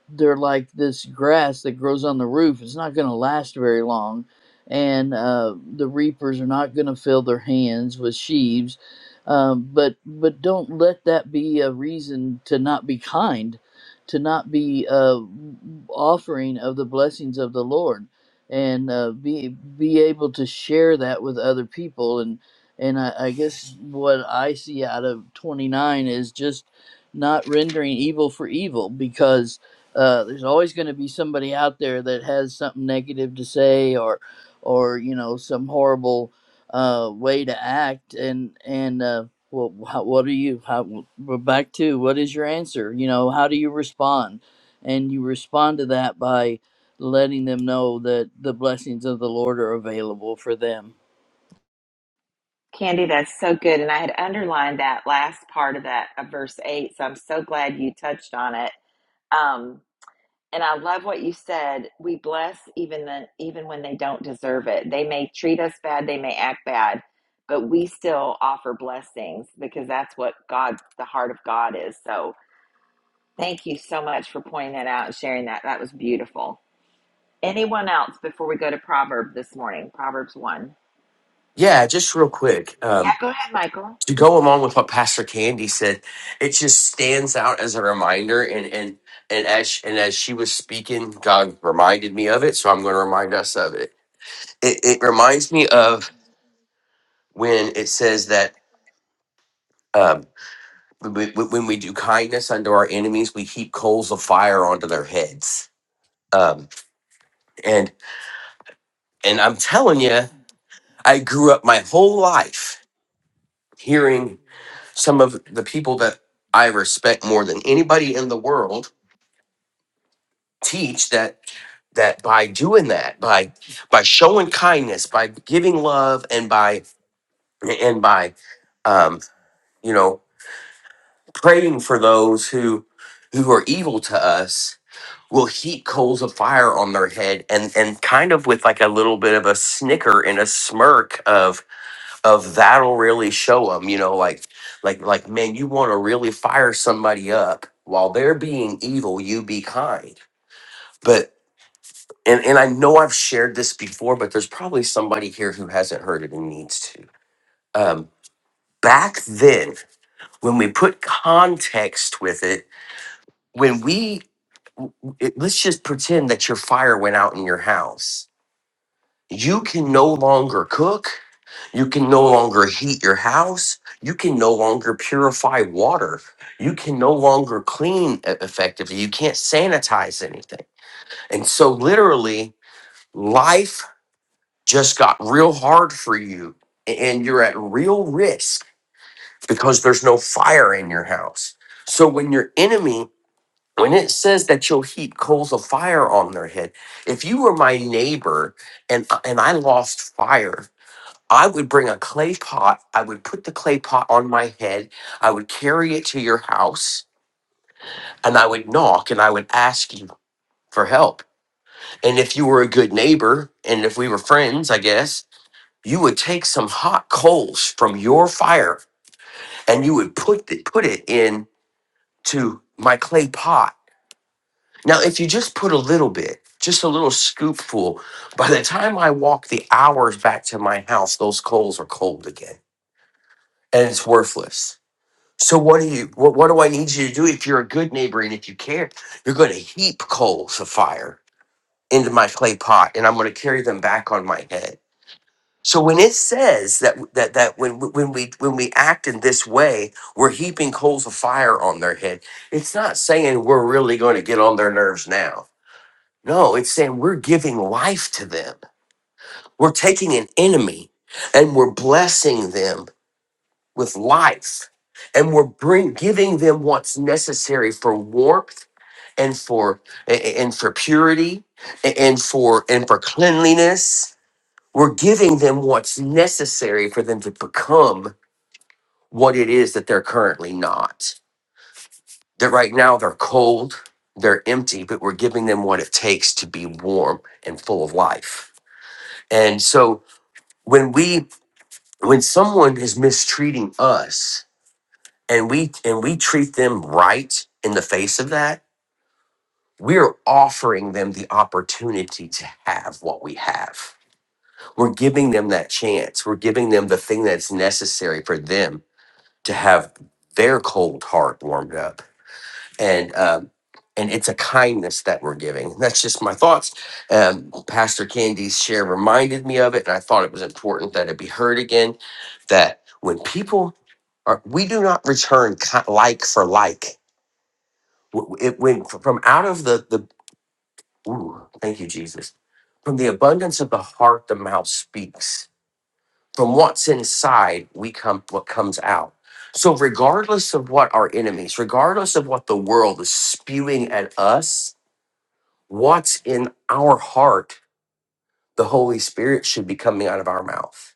Speaker 4: they're like this grass that grows on the roof. It's not going to last very long, and uh, the reapers are not going to fill their hands with sheaves. Um, but but don't let that be a reason to not be kind, to not be uh, offering of the blessings of the Lord, and uh, be be able to share that with other people. And and I, I guess what I see out of twenty nine is just not rendering evil for evil because uh, there's always going to be somebody out there that has something negative to say or or you know some horrible uh, way to act and and uh, well, how, what are you how, we're back to what is your answer you know how do you respond and you respond to that by letting them know that the blessings of the lord are available for them
Speaker 1: Candy, that's so good. And I had underlined that last part of that, of verse 8. So I'm so glad you touched on it. Um, And I love what you said. We bless even the, even when they don't deserve it. They may treat us bad, they may act bad, but we still offer blessings because that's what God, the heart of God is. So thank you so much for pointing that out and sharing that. That was beautiful. Anyone else before we go to Proverbs this morning? Proverbs 1.
Speaker 8: Yeah, just real quick.
Speaker 1: Yeah,
Speaker 8: Um,
Speaker 1: go ahead, Michael.
Speaker 8: to go along with what Pastor Candy said, it just stands out as a reminder. And and and as sh- and as she was speaking, God reminded me of it. So I'm going to remind us of it. It, it reminds me of when it says that um, when we when we do kindness unto our enemies, we heap coals of fire onto their heads. Um, and and I'm telling you, I grew up my whole life hearing. some of the people that I respect more than anybody in the world teach that that by doing that, by by showing kindness, by giving love, and by and by um, you know praying for those who who are evil to us, will heat coals of fire on their head, and and kind of with like a little bit of a snicker and a smirk of. of that'll really show them, you know, like, like, like, man, you want to really fire somebody up while they're being evil, you be kind. But, and, and I know I've shared this before, but there's probably somebody here who hasn't heard it and needs to. Um, back then, when we put context with it, when we, it, let's just pretend that your fire went out in your house. You can no longer cook You can no longer heat your house. You can no longer purify water. You can no longer clean e- effectively. You can't sanitize anything. And so, literally, life just got real hard for you, a- and you're at real risk because there's no fire in your house. So, when your enemy, when it says that you'll heap coals of fire on their head, if you were my neighbor and, uh, and I lost fire, I would bring a clay pot. I would put the clay pot on my head. I would carry it to your house and I would knock and I would ask you for help. And if you were a good neighbor and if we were friends, I guess, you would take some hot coals from your fire and you would put it, put it in to my clay pot. Now, if you just put a little bit, just a little scoopful, by the time I walk the hours back to my house, those coals are cold again and it's worthless So what do you what, what do I need you to do if you're a good neighbor and if you care? You're gonna heap coals of fire into my clay pot and I'm gonna carry them back on my head. So when it says that that that when when we when we act in this way, we're heaping coals of fire on their head, it's not saying we're really going to get on their nerves now. No, it's saying we're giving life to them. We're taking an enemy and we're blessing them with life and we're bring, giving them what's necessary for warmth and for a- and for purity a- and for and for cleanliness we're giving them what's necessary for them to become what it is that they're currently not that right now they're cold they're empty but we're giving them what it takes to be warm and full of life and so when we when someone is mistreating us and we and we treat them right in the face of that we're offering them the opportunity to have what we have we're giving them that chance we're giving them the thing that's necessary for them to have their cold heart warmed up and um and it's a kindness that we're giving. That's just my thoughts. Um, Pastor Candy's share reminded me of it, and I thought it was important that it be heard again. That when people are, we do not return ki- like for like W- It went from out of the the. Ooh, thank you, Jesus. From the abundance of the heart, the mouth speaks. From what's inside, we come what comes out. So, regardless of what our enemies, regardless of what the world is spewing at us, what's in our heart, the Holy Spirit should be coming out of our mouth.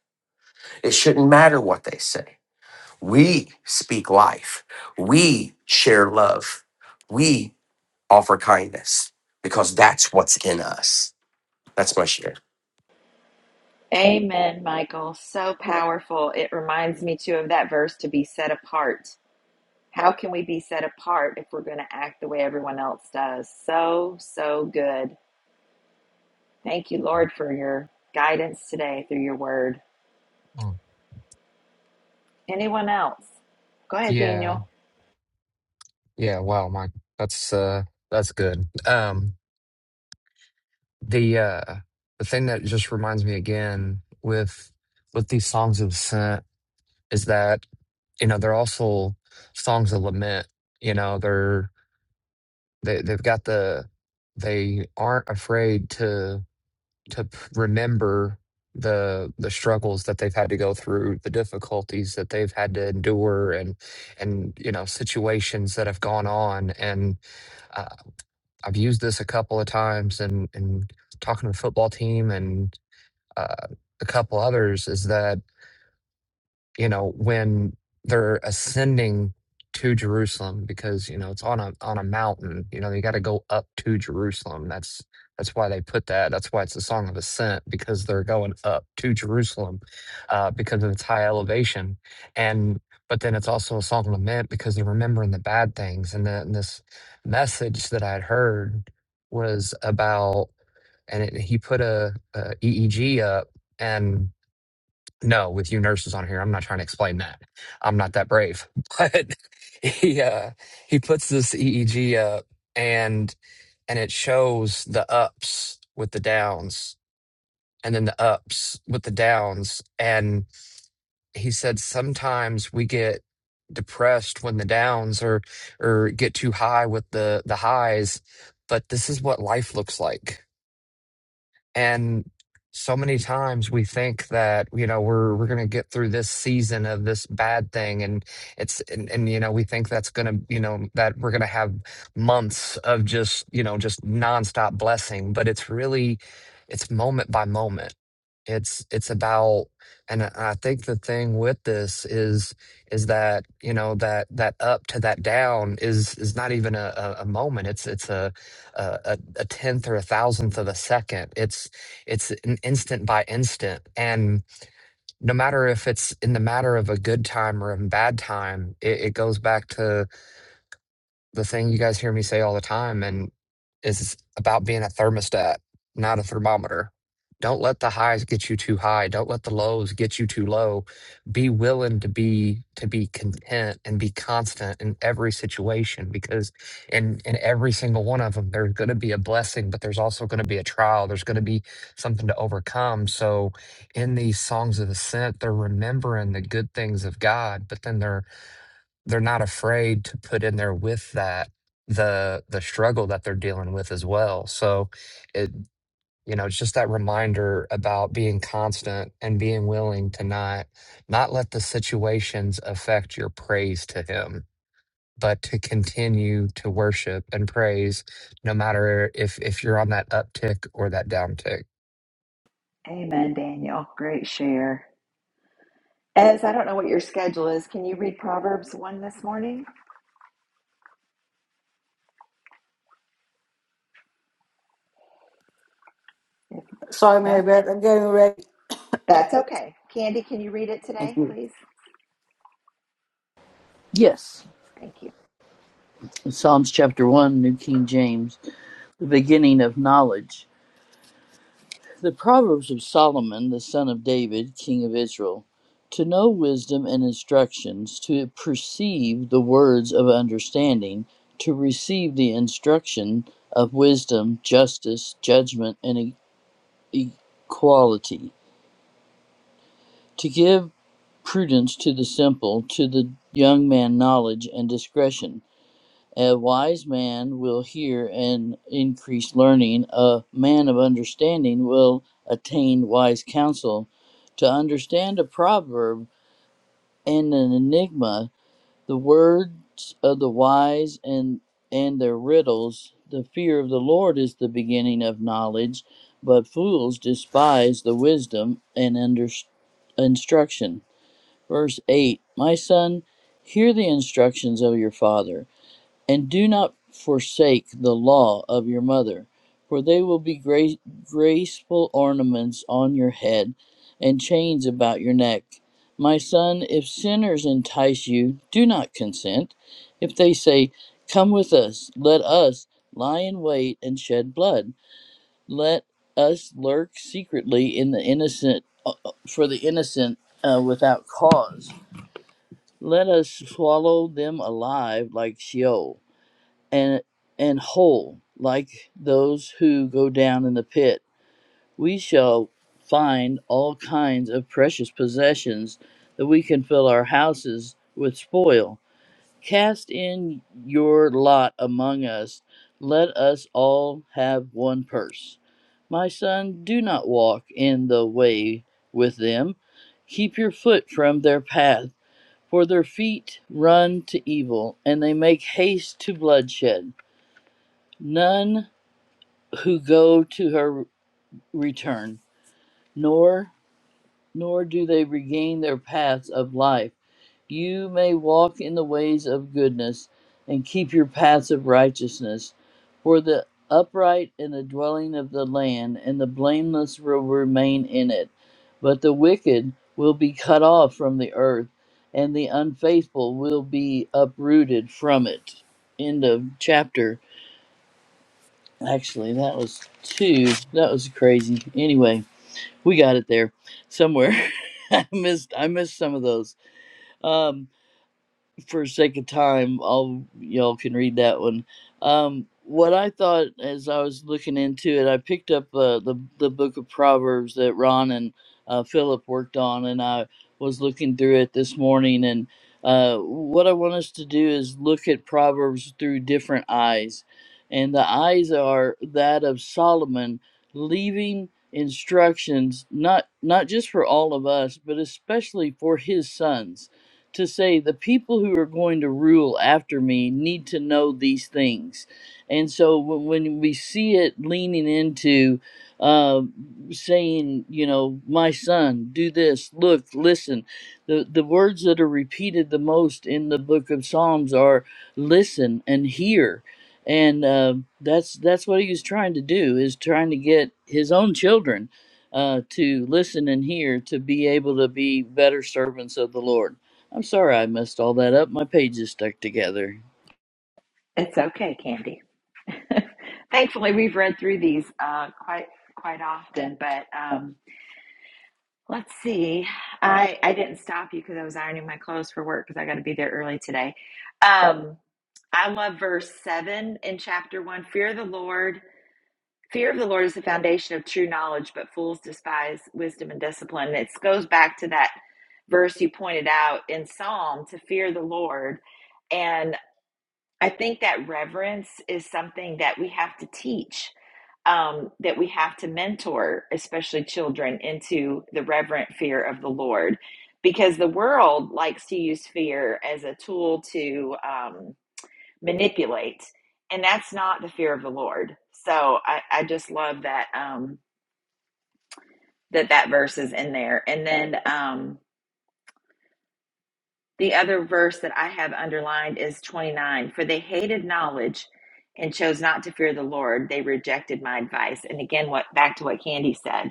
Speaker 8: It shouldn't matter what they say. We speak life. We share love. We offer kindness because that's what's in us. That's my share.
Speaker 1: Amen, Michael. So powerful. It reminds me too of that verse to be set apart How can we be set apart if we're going to act the way everyone else does? So, so good. Thank you, Lord, for your guidance today through your word.
Speaker 7: Mm.
Speaker 1: Anyone else? Go ahead,
Speaker 7: Yeah,
Speaker 1: Daniel.
Speaker 7: yeah. Wow, Mike, that's uh, that's good. Um, the uh the thing that just reminds me again with with these songs of ascent is that you know they're also songs of lament you know they're they, they've got the they aren't afraid to to p- remember the the struggles that they've had to go through the difficulties that they've had to endure and and you know situations that have gone on and uh, i've used this a couple of times and and talking to the football team uh, a couple others is that you know when they're ascending to Jerusalem because you know it's on a on a mountain you know you got to go up to Jerusalem that's that's why they put that that's why it's a song of ascent because they're going up to Jerusalem uh, because of its high elevation and but then it's also a song of lament because they're remembering the bad things and then this message that I'd heard was about and it, he put a, a EEG up and no, with you nurses on here, I'm not trying to explain that. I'm not that brave. But he uh he puts this EEG up and and it shows the ups with the downs and then the ups with the downs and he said sometimes we get depressed when the downs or or get too high with the the highs, but this is what life looks like and so many times we think that, you know, we're we're going to get through this season of this bad thing and it's and, and you know, we think that's going to, you know, that we're going to have months of just, you know, just nonstop blessing, but it's really it's moment by moment. It's it's about and I I think the thing with this is is that, you know, that that up to that down is is not even a, a, a moment. It's it's a, a, a tenth or a thousandth of a second. It's it's an instant by instant, and no matter if it's in the matter of a good time or a bad time, it, it goes back to the thing you guys hear me say all the time and is about being a thermostat, not a thermometer. Don't let the highs get you too high. Don't let the lows get you too low. Be willing to be to be content and be constant in every situation because in in every single one of them there's going to be a blessing, but there's also going to be a trial. There's going to be something to overcome. So in these songs of ascent, they're remembering the good things of God, but then they're they're not afraid to put in there with that the the struggle that they're dealing with as well so it you know it's just that reminder about being constant and being willing to not not let the situations affect your praise to him but to continue to worship and praise no matter if if you're on that uptick or that downtick
Speaker 1: Amen, Daniel. Great share. Ez, I don't know what your schedule is. Can you read Proverbs 1 this morning? If,
Speaker 3: Sorry, Mary
Speaker 1: yeah,
Speaker 3: Beth, I'm getting ready.
Speaker 1: that's okay. Candy, can you read it today, please?
Speaker 4: yes
Speaker 1: Thank you.
Speaker 4: psalms chapter 1 new king james the beginning of knowledge The Proverbs of Solomon, the son of David, king of Israel, to know wisdom and instructions, to perceive the words of understanding, to receive the instruction of wisdom, justice, judgment, and e- equality, to give prudence to the simple, to the young man knowledge and discretion a wise man will hear and increase learning. A man of understanding will attain wise counsel. To understand a proverb and an enigma, the words of the wise and, and their riddles, the fear of the Lord is the beginning of knowledge, but fools despise the wisdom and under, instruction. Verse 8 My son, hear the instructions of your father and do not forsake the law of your mother, for they will be gra- graceful ornaments on your head and chains about your neck. My son, if sinners entice you, do not consent. If they say, Come with us, let us lie in wait and shed blood. Let us lurk secretly in the innocent uh, uh, for the innocent uh, without cause. Let us swallow them alive like Sheol and and whole like those who go down in the pit we shall find all kinds of precious possessions that we can fill our houses with spoil cast in your lot among us let us all have one purse my son do not walk in the way with them keep your foot from their path for their feet run to evil and they make haste to bloodshed none who go to her return, nor nor do they regain their paths of life. You may walk in the ways of goodness and keep your paths of righteousness, for the upright in the dwelling of the land and the blameless will remain in it, but the wicked will be cut off from the earth, and the unfaithful will be uprooted from it. End of chapter. Actually, that was two. That was crazy. Anyway, we got it there somewhere. I missed I missed some of those. Um, for sake of time, I'll y'all can read that one. Um, what I thought as I was looking into it, I picked up uh, the the book of Proverbs that Ron and uh, Philip worked on, and I was looking through it this morning. And uh, what I want us to do is look at Proverbs through different eyes, and the eyes are that of Solomon, leaving instructions not not just for all of us, but especially for his sons to say the people who are going to rule after me need to know these things. And so when, when we see it leaning into uh, saying, you know, my son, do this, look, listen, the, the words that are repeated the most in the book of Psalms are listen and hear. And uh, that's that's what he was trying to do is trying to get his own children uh, to listen and hear to be able to be better servants of the Lord. I'm sorry I messed all that up. My page is stuck together.
Speaker 1: It's okay, Candy. Thankfully, we've read through these uh, quite quite often, but um, Let's see. I I didn't stop you because I was ironing my clothes for work because I got to be there early today. Um, I love verse seven in chapter one. Fear of the Lord. Fear of the Lord is the foundation of true knowledge, but fools despise wisdom and discipline. It goes back to that verse you pointed out in Psalm to fear the Lord. and. I think that reverence is something that we have to teach, um, that we have to mentor, especially children, into the reverent fear of the Lord. Because the world likes to use fear as a tool to um, manipulate, and that's not the fear of the Lord. So I, I just love that um, that that verse is in there. And then um, The other verse that I have underlined is 29. For they hated knowledge and chose not to fear the Lord. They rejected my advice. And again, what back to what Candy said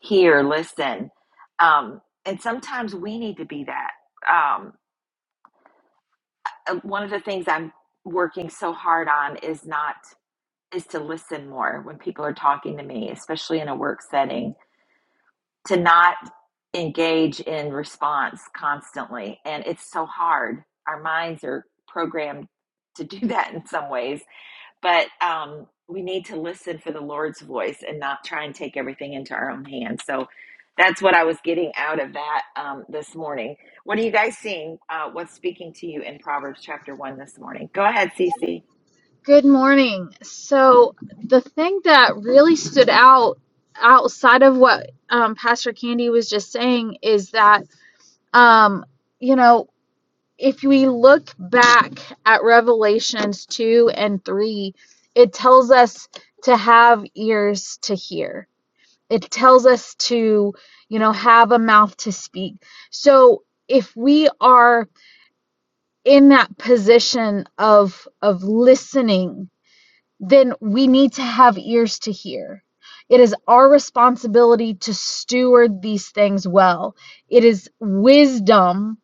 Speaker 1: hear, listen. Um, and sometimes we need to be that. Um, uh, one of the things I'm working so hard on is not is to listen more when people are talking to me, especially in a work setting to not engage in response constantly. And it's so hard. Our minds are programmed to do that in some ways, but um, we need to listen for the Lord's voice and not try and take everything into our own hands. So that's what I was getting out of that um, this morning. What are you guys seeing? Uh, what's speaking to you in Proverbs chapter 1 this morning? Go ahead, Cece.
Speaker 9: Good morning. So the thing that really stood out outside of what um, Pastor Candy was just saying is that um, you know if we look back at Revelations two and three, it tells us to have ears to hear. It tells us to you know have a mouth to speak. So if we are in that position of of listening then we need to have ears to hear. It is our responsibility to steward these things well. It is wisdom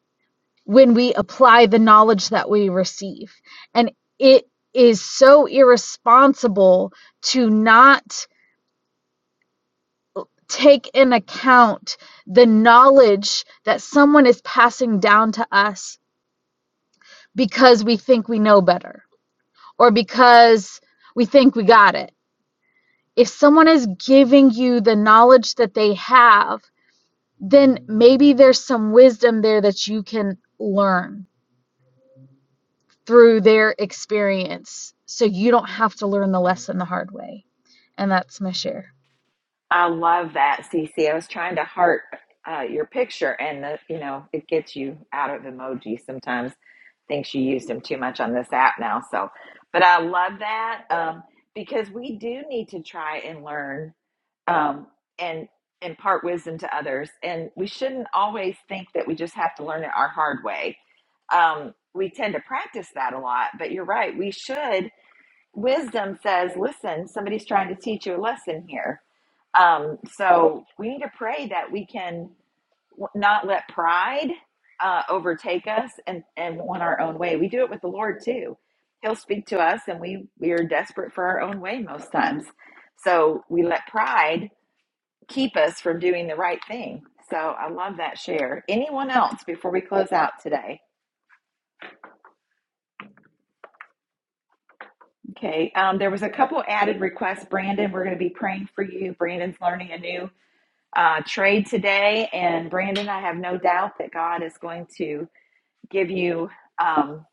Speaker 9: when we apply the knowledge that we receive. And it is so irresponsible to not take in account the knowledge that someone is passing down to us because we think we know better or because we think we got it if someone is giving you the knowledge that they have, then maybe there's some wisdom there that you can learn through their experience. So you don't have to learn the lesson the hard way. And that's my share.
Speaker 1: I love that, Cece. I was trying to heart uh, your picture, and the, you know it gets you out of emoji. Sometimes think you used them too much on this app now. So, but I love that um, because we do need to try and learn um, and impart wisdom to others, and we shouldn't always think that we just have to learn it our hard way. Um, we tend to practice that a lot, but you're right. We should. Wisdom says, "Listen, somebody's trying to teach you a lesson here." Um, so we need to pray that we can w- not let pride uh, overtake us and, and want our own way. We do it with the Lord too. He'll speak to us, and we, we are desperate for our own way most times. So we let pride keep us from doing the right thing. So I love that share. Anyone else before we close out today? Okay, um, there was a couple added requests. Brandon, we're going to be praying for you. Brandon's learning a new uh, trade today. And Brandon, I have no doubt that God is going to give you um,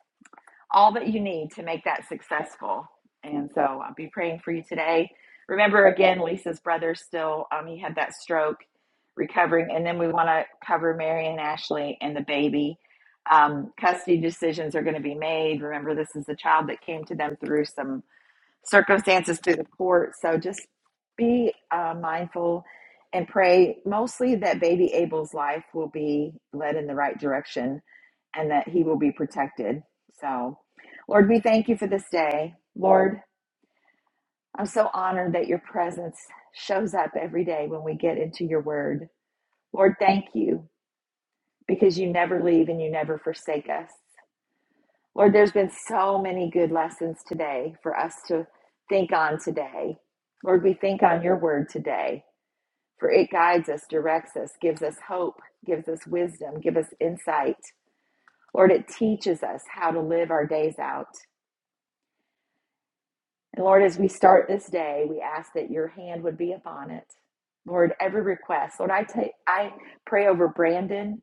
Speaker 1: all that you need to make that successful. And so I'll be praying for you today. Remember, again, Lisa's brother still, um, he had that stroke recovering. And then we want to cover Mary and Ashley and the baby. Um, custody decisions are going to be made. Remember, this is a child that came to them through some circumstances through the court. So just be uh, mindful and pray mostly that baby Abel's life will be led in the right direction and that he will be protected. So, Lord, we thank you for this day. Lord, I'm so honored that your presence shows up every day when we get into your word. Lord, thank you because you never leave and you never forsake us. Lord, there's been so many good lessons today for us to think on today. Lord, we think on your word today, for it guides us, directs us, gives us hope, gives us wisdom, gives us insight. Lord, it teaches us how to live our days out. And Lord, as we start this day, we ask that your hand would be upon it. Lord, every request. Lord, I take I pray over Brandon.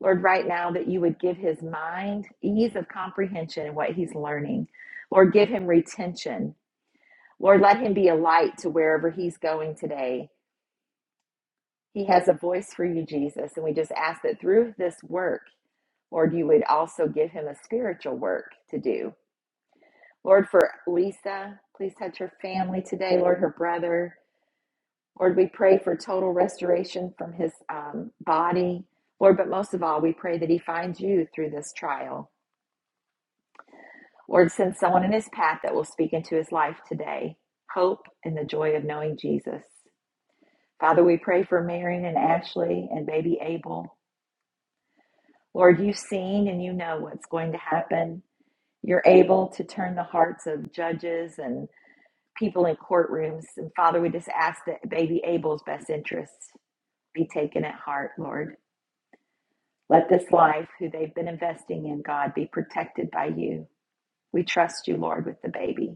Speaker 1: Lord, right now that you would give his mind ease of comprehension in what he's learning. Lord, give him retention. Lord, let him be a light to wherever he's going today. He has a voice for you, Jesus. And we just ask that through this work, Lord, you would also give him a spiritual work to do. Lord, for Lisa, please touch her family today. Lord, her brother. Lord, we pray for total restoration from his um, body. Lord, but most of all, we pray that he finds you through this trial. Lord, send someone in his path that will speak into his life today. Hope and the joy of knowing Jesus. Father, we pray for Marion and Ashley and baby Abel. Lord, you've seen and you know what's going to happen. You're able to turn the hearts of judges and people in courtrooms. And Father, we just ask that baby Abel's best interests be taken at heart, Lord. Let this life, who they've been investing in, God, be protected by you. We trust you, Lord, with the baby.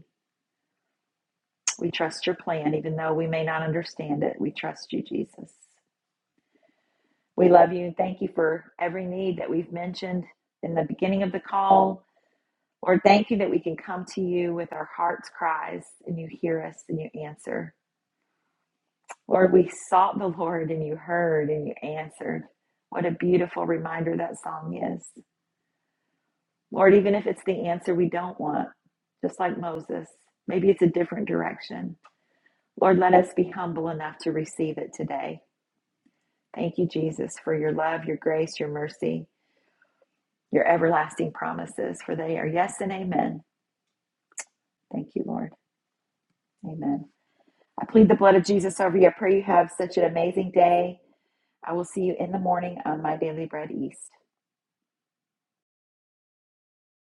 Speaker 1: We trust your plan, even though we may not understand it. We trust you, Jesus. We love you and thank you for every need that we've mentioned in the beginning of the call. Lord, thank you that we can come to you with our hearts' cries and you hear us and you answer. Lord, we sought the Lord and you heard and you answered. What a beautiful reminder that song is. Lord, even if it's the answer we don't want, just like Moses, maybe it's a different direction. Lord, let us be humble enough to receive it today. Thank you, Jesus, for your love, your grace, your mercy, your everlasting promises, for they are yes and amen. Thank you, Lord. Amen. I plead the blood of Jesus over you. I pray you have such an amazing day. I will see you in the morning on my Daily Bread East.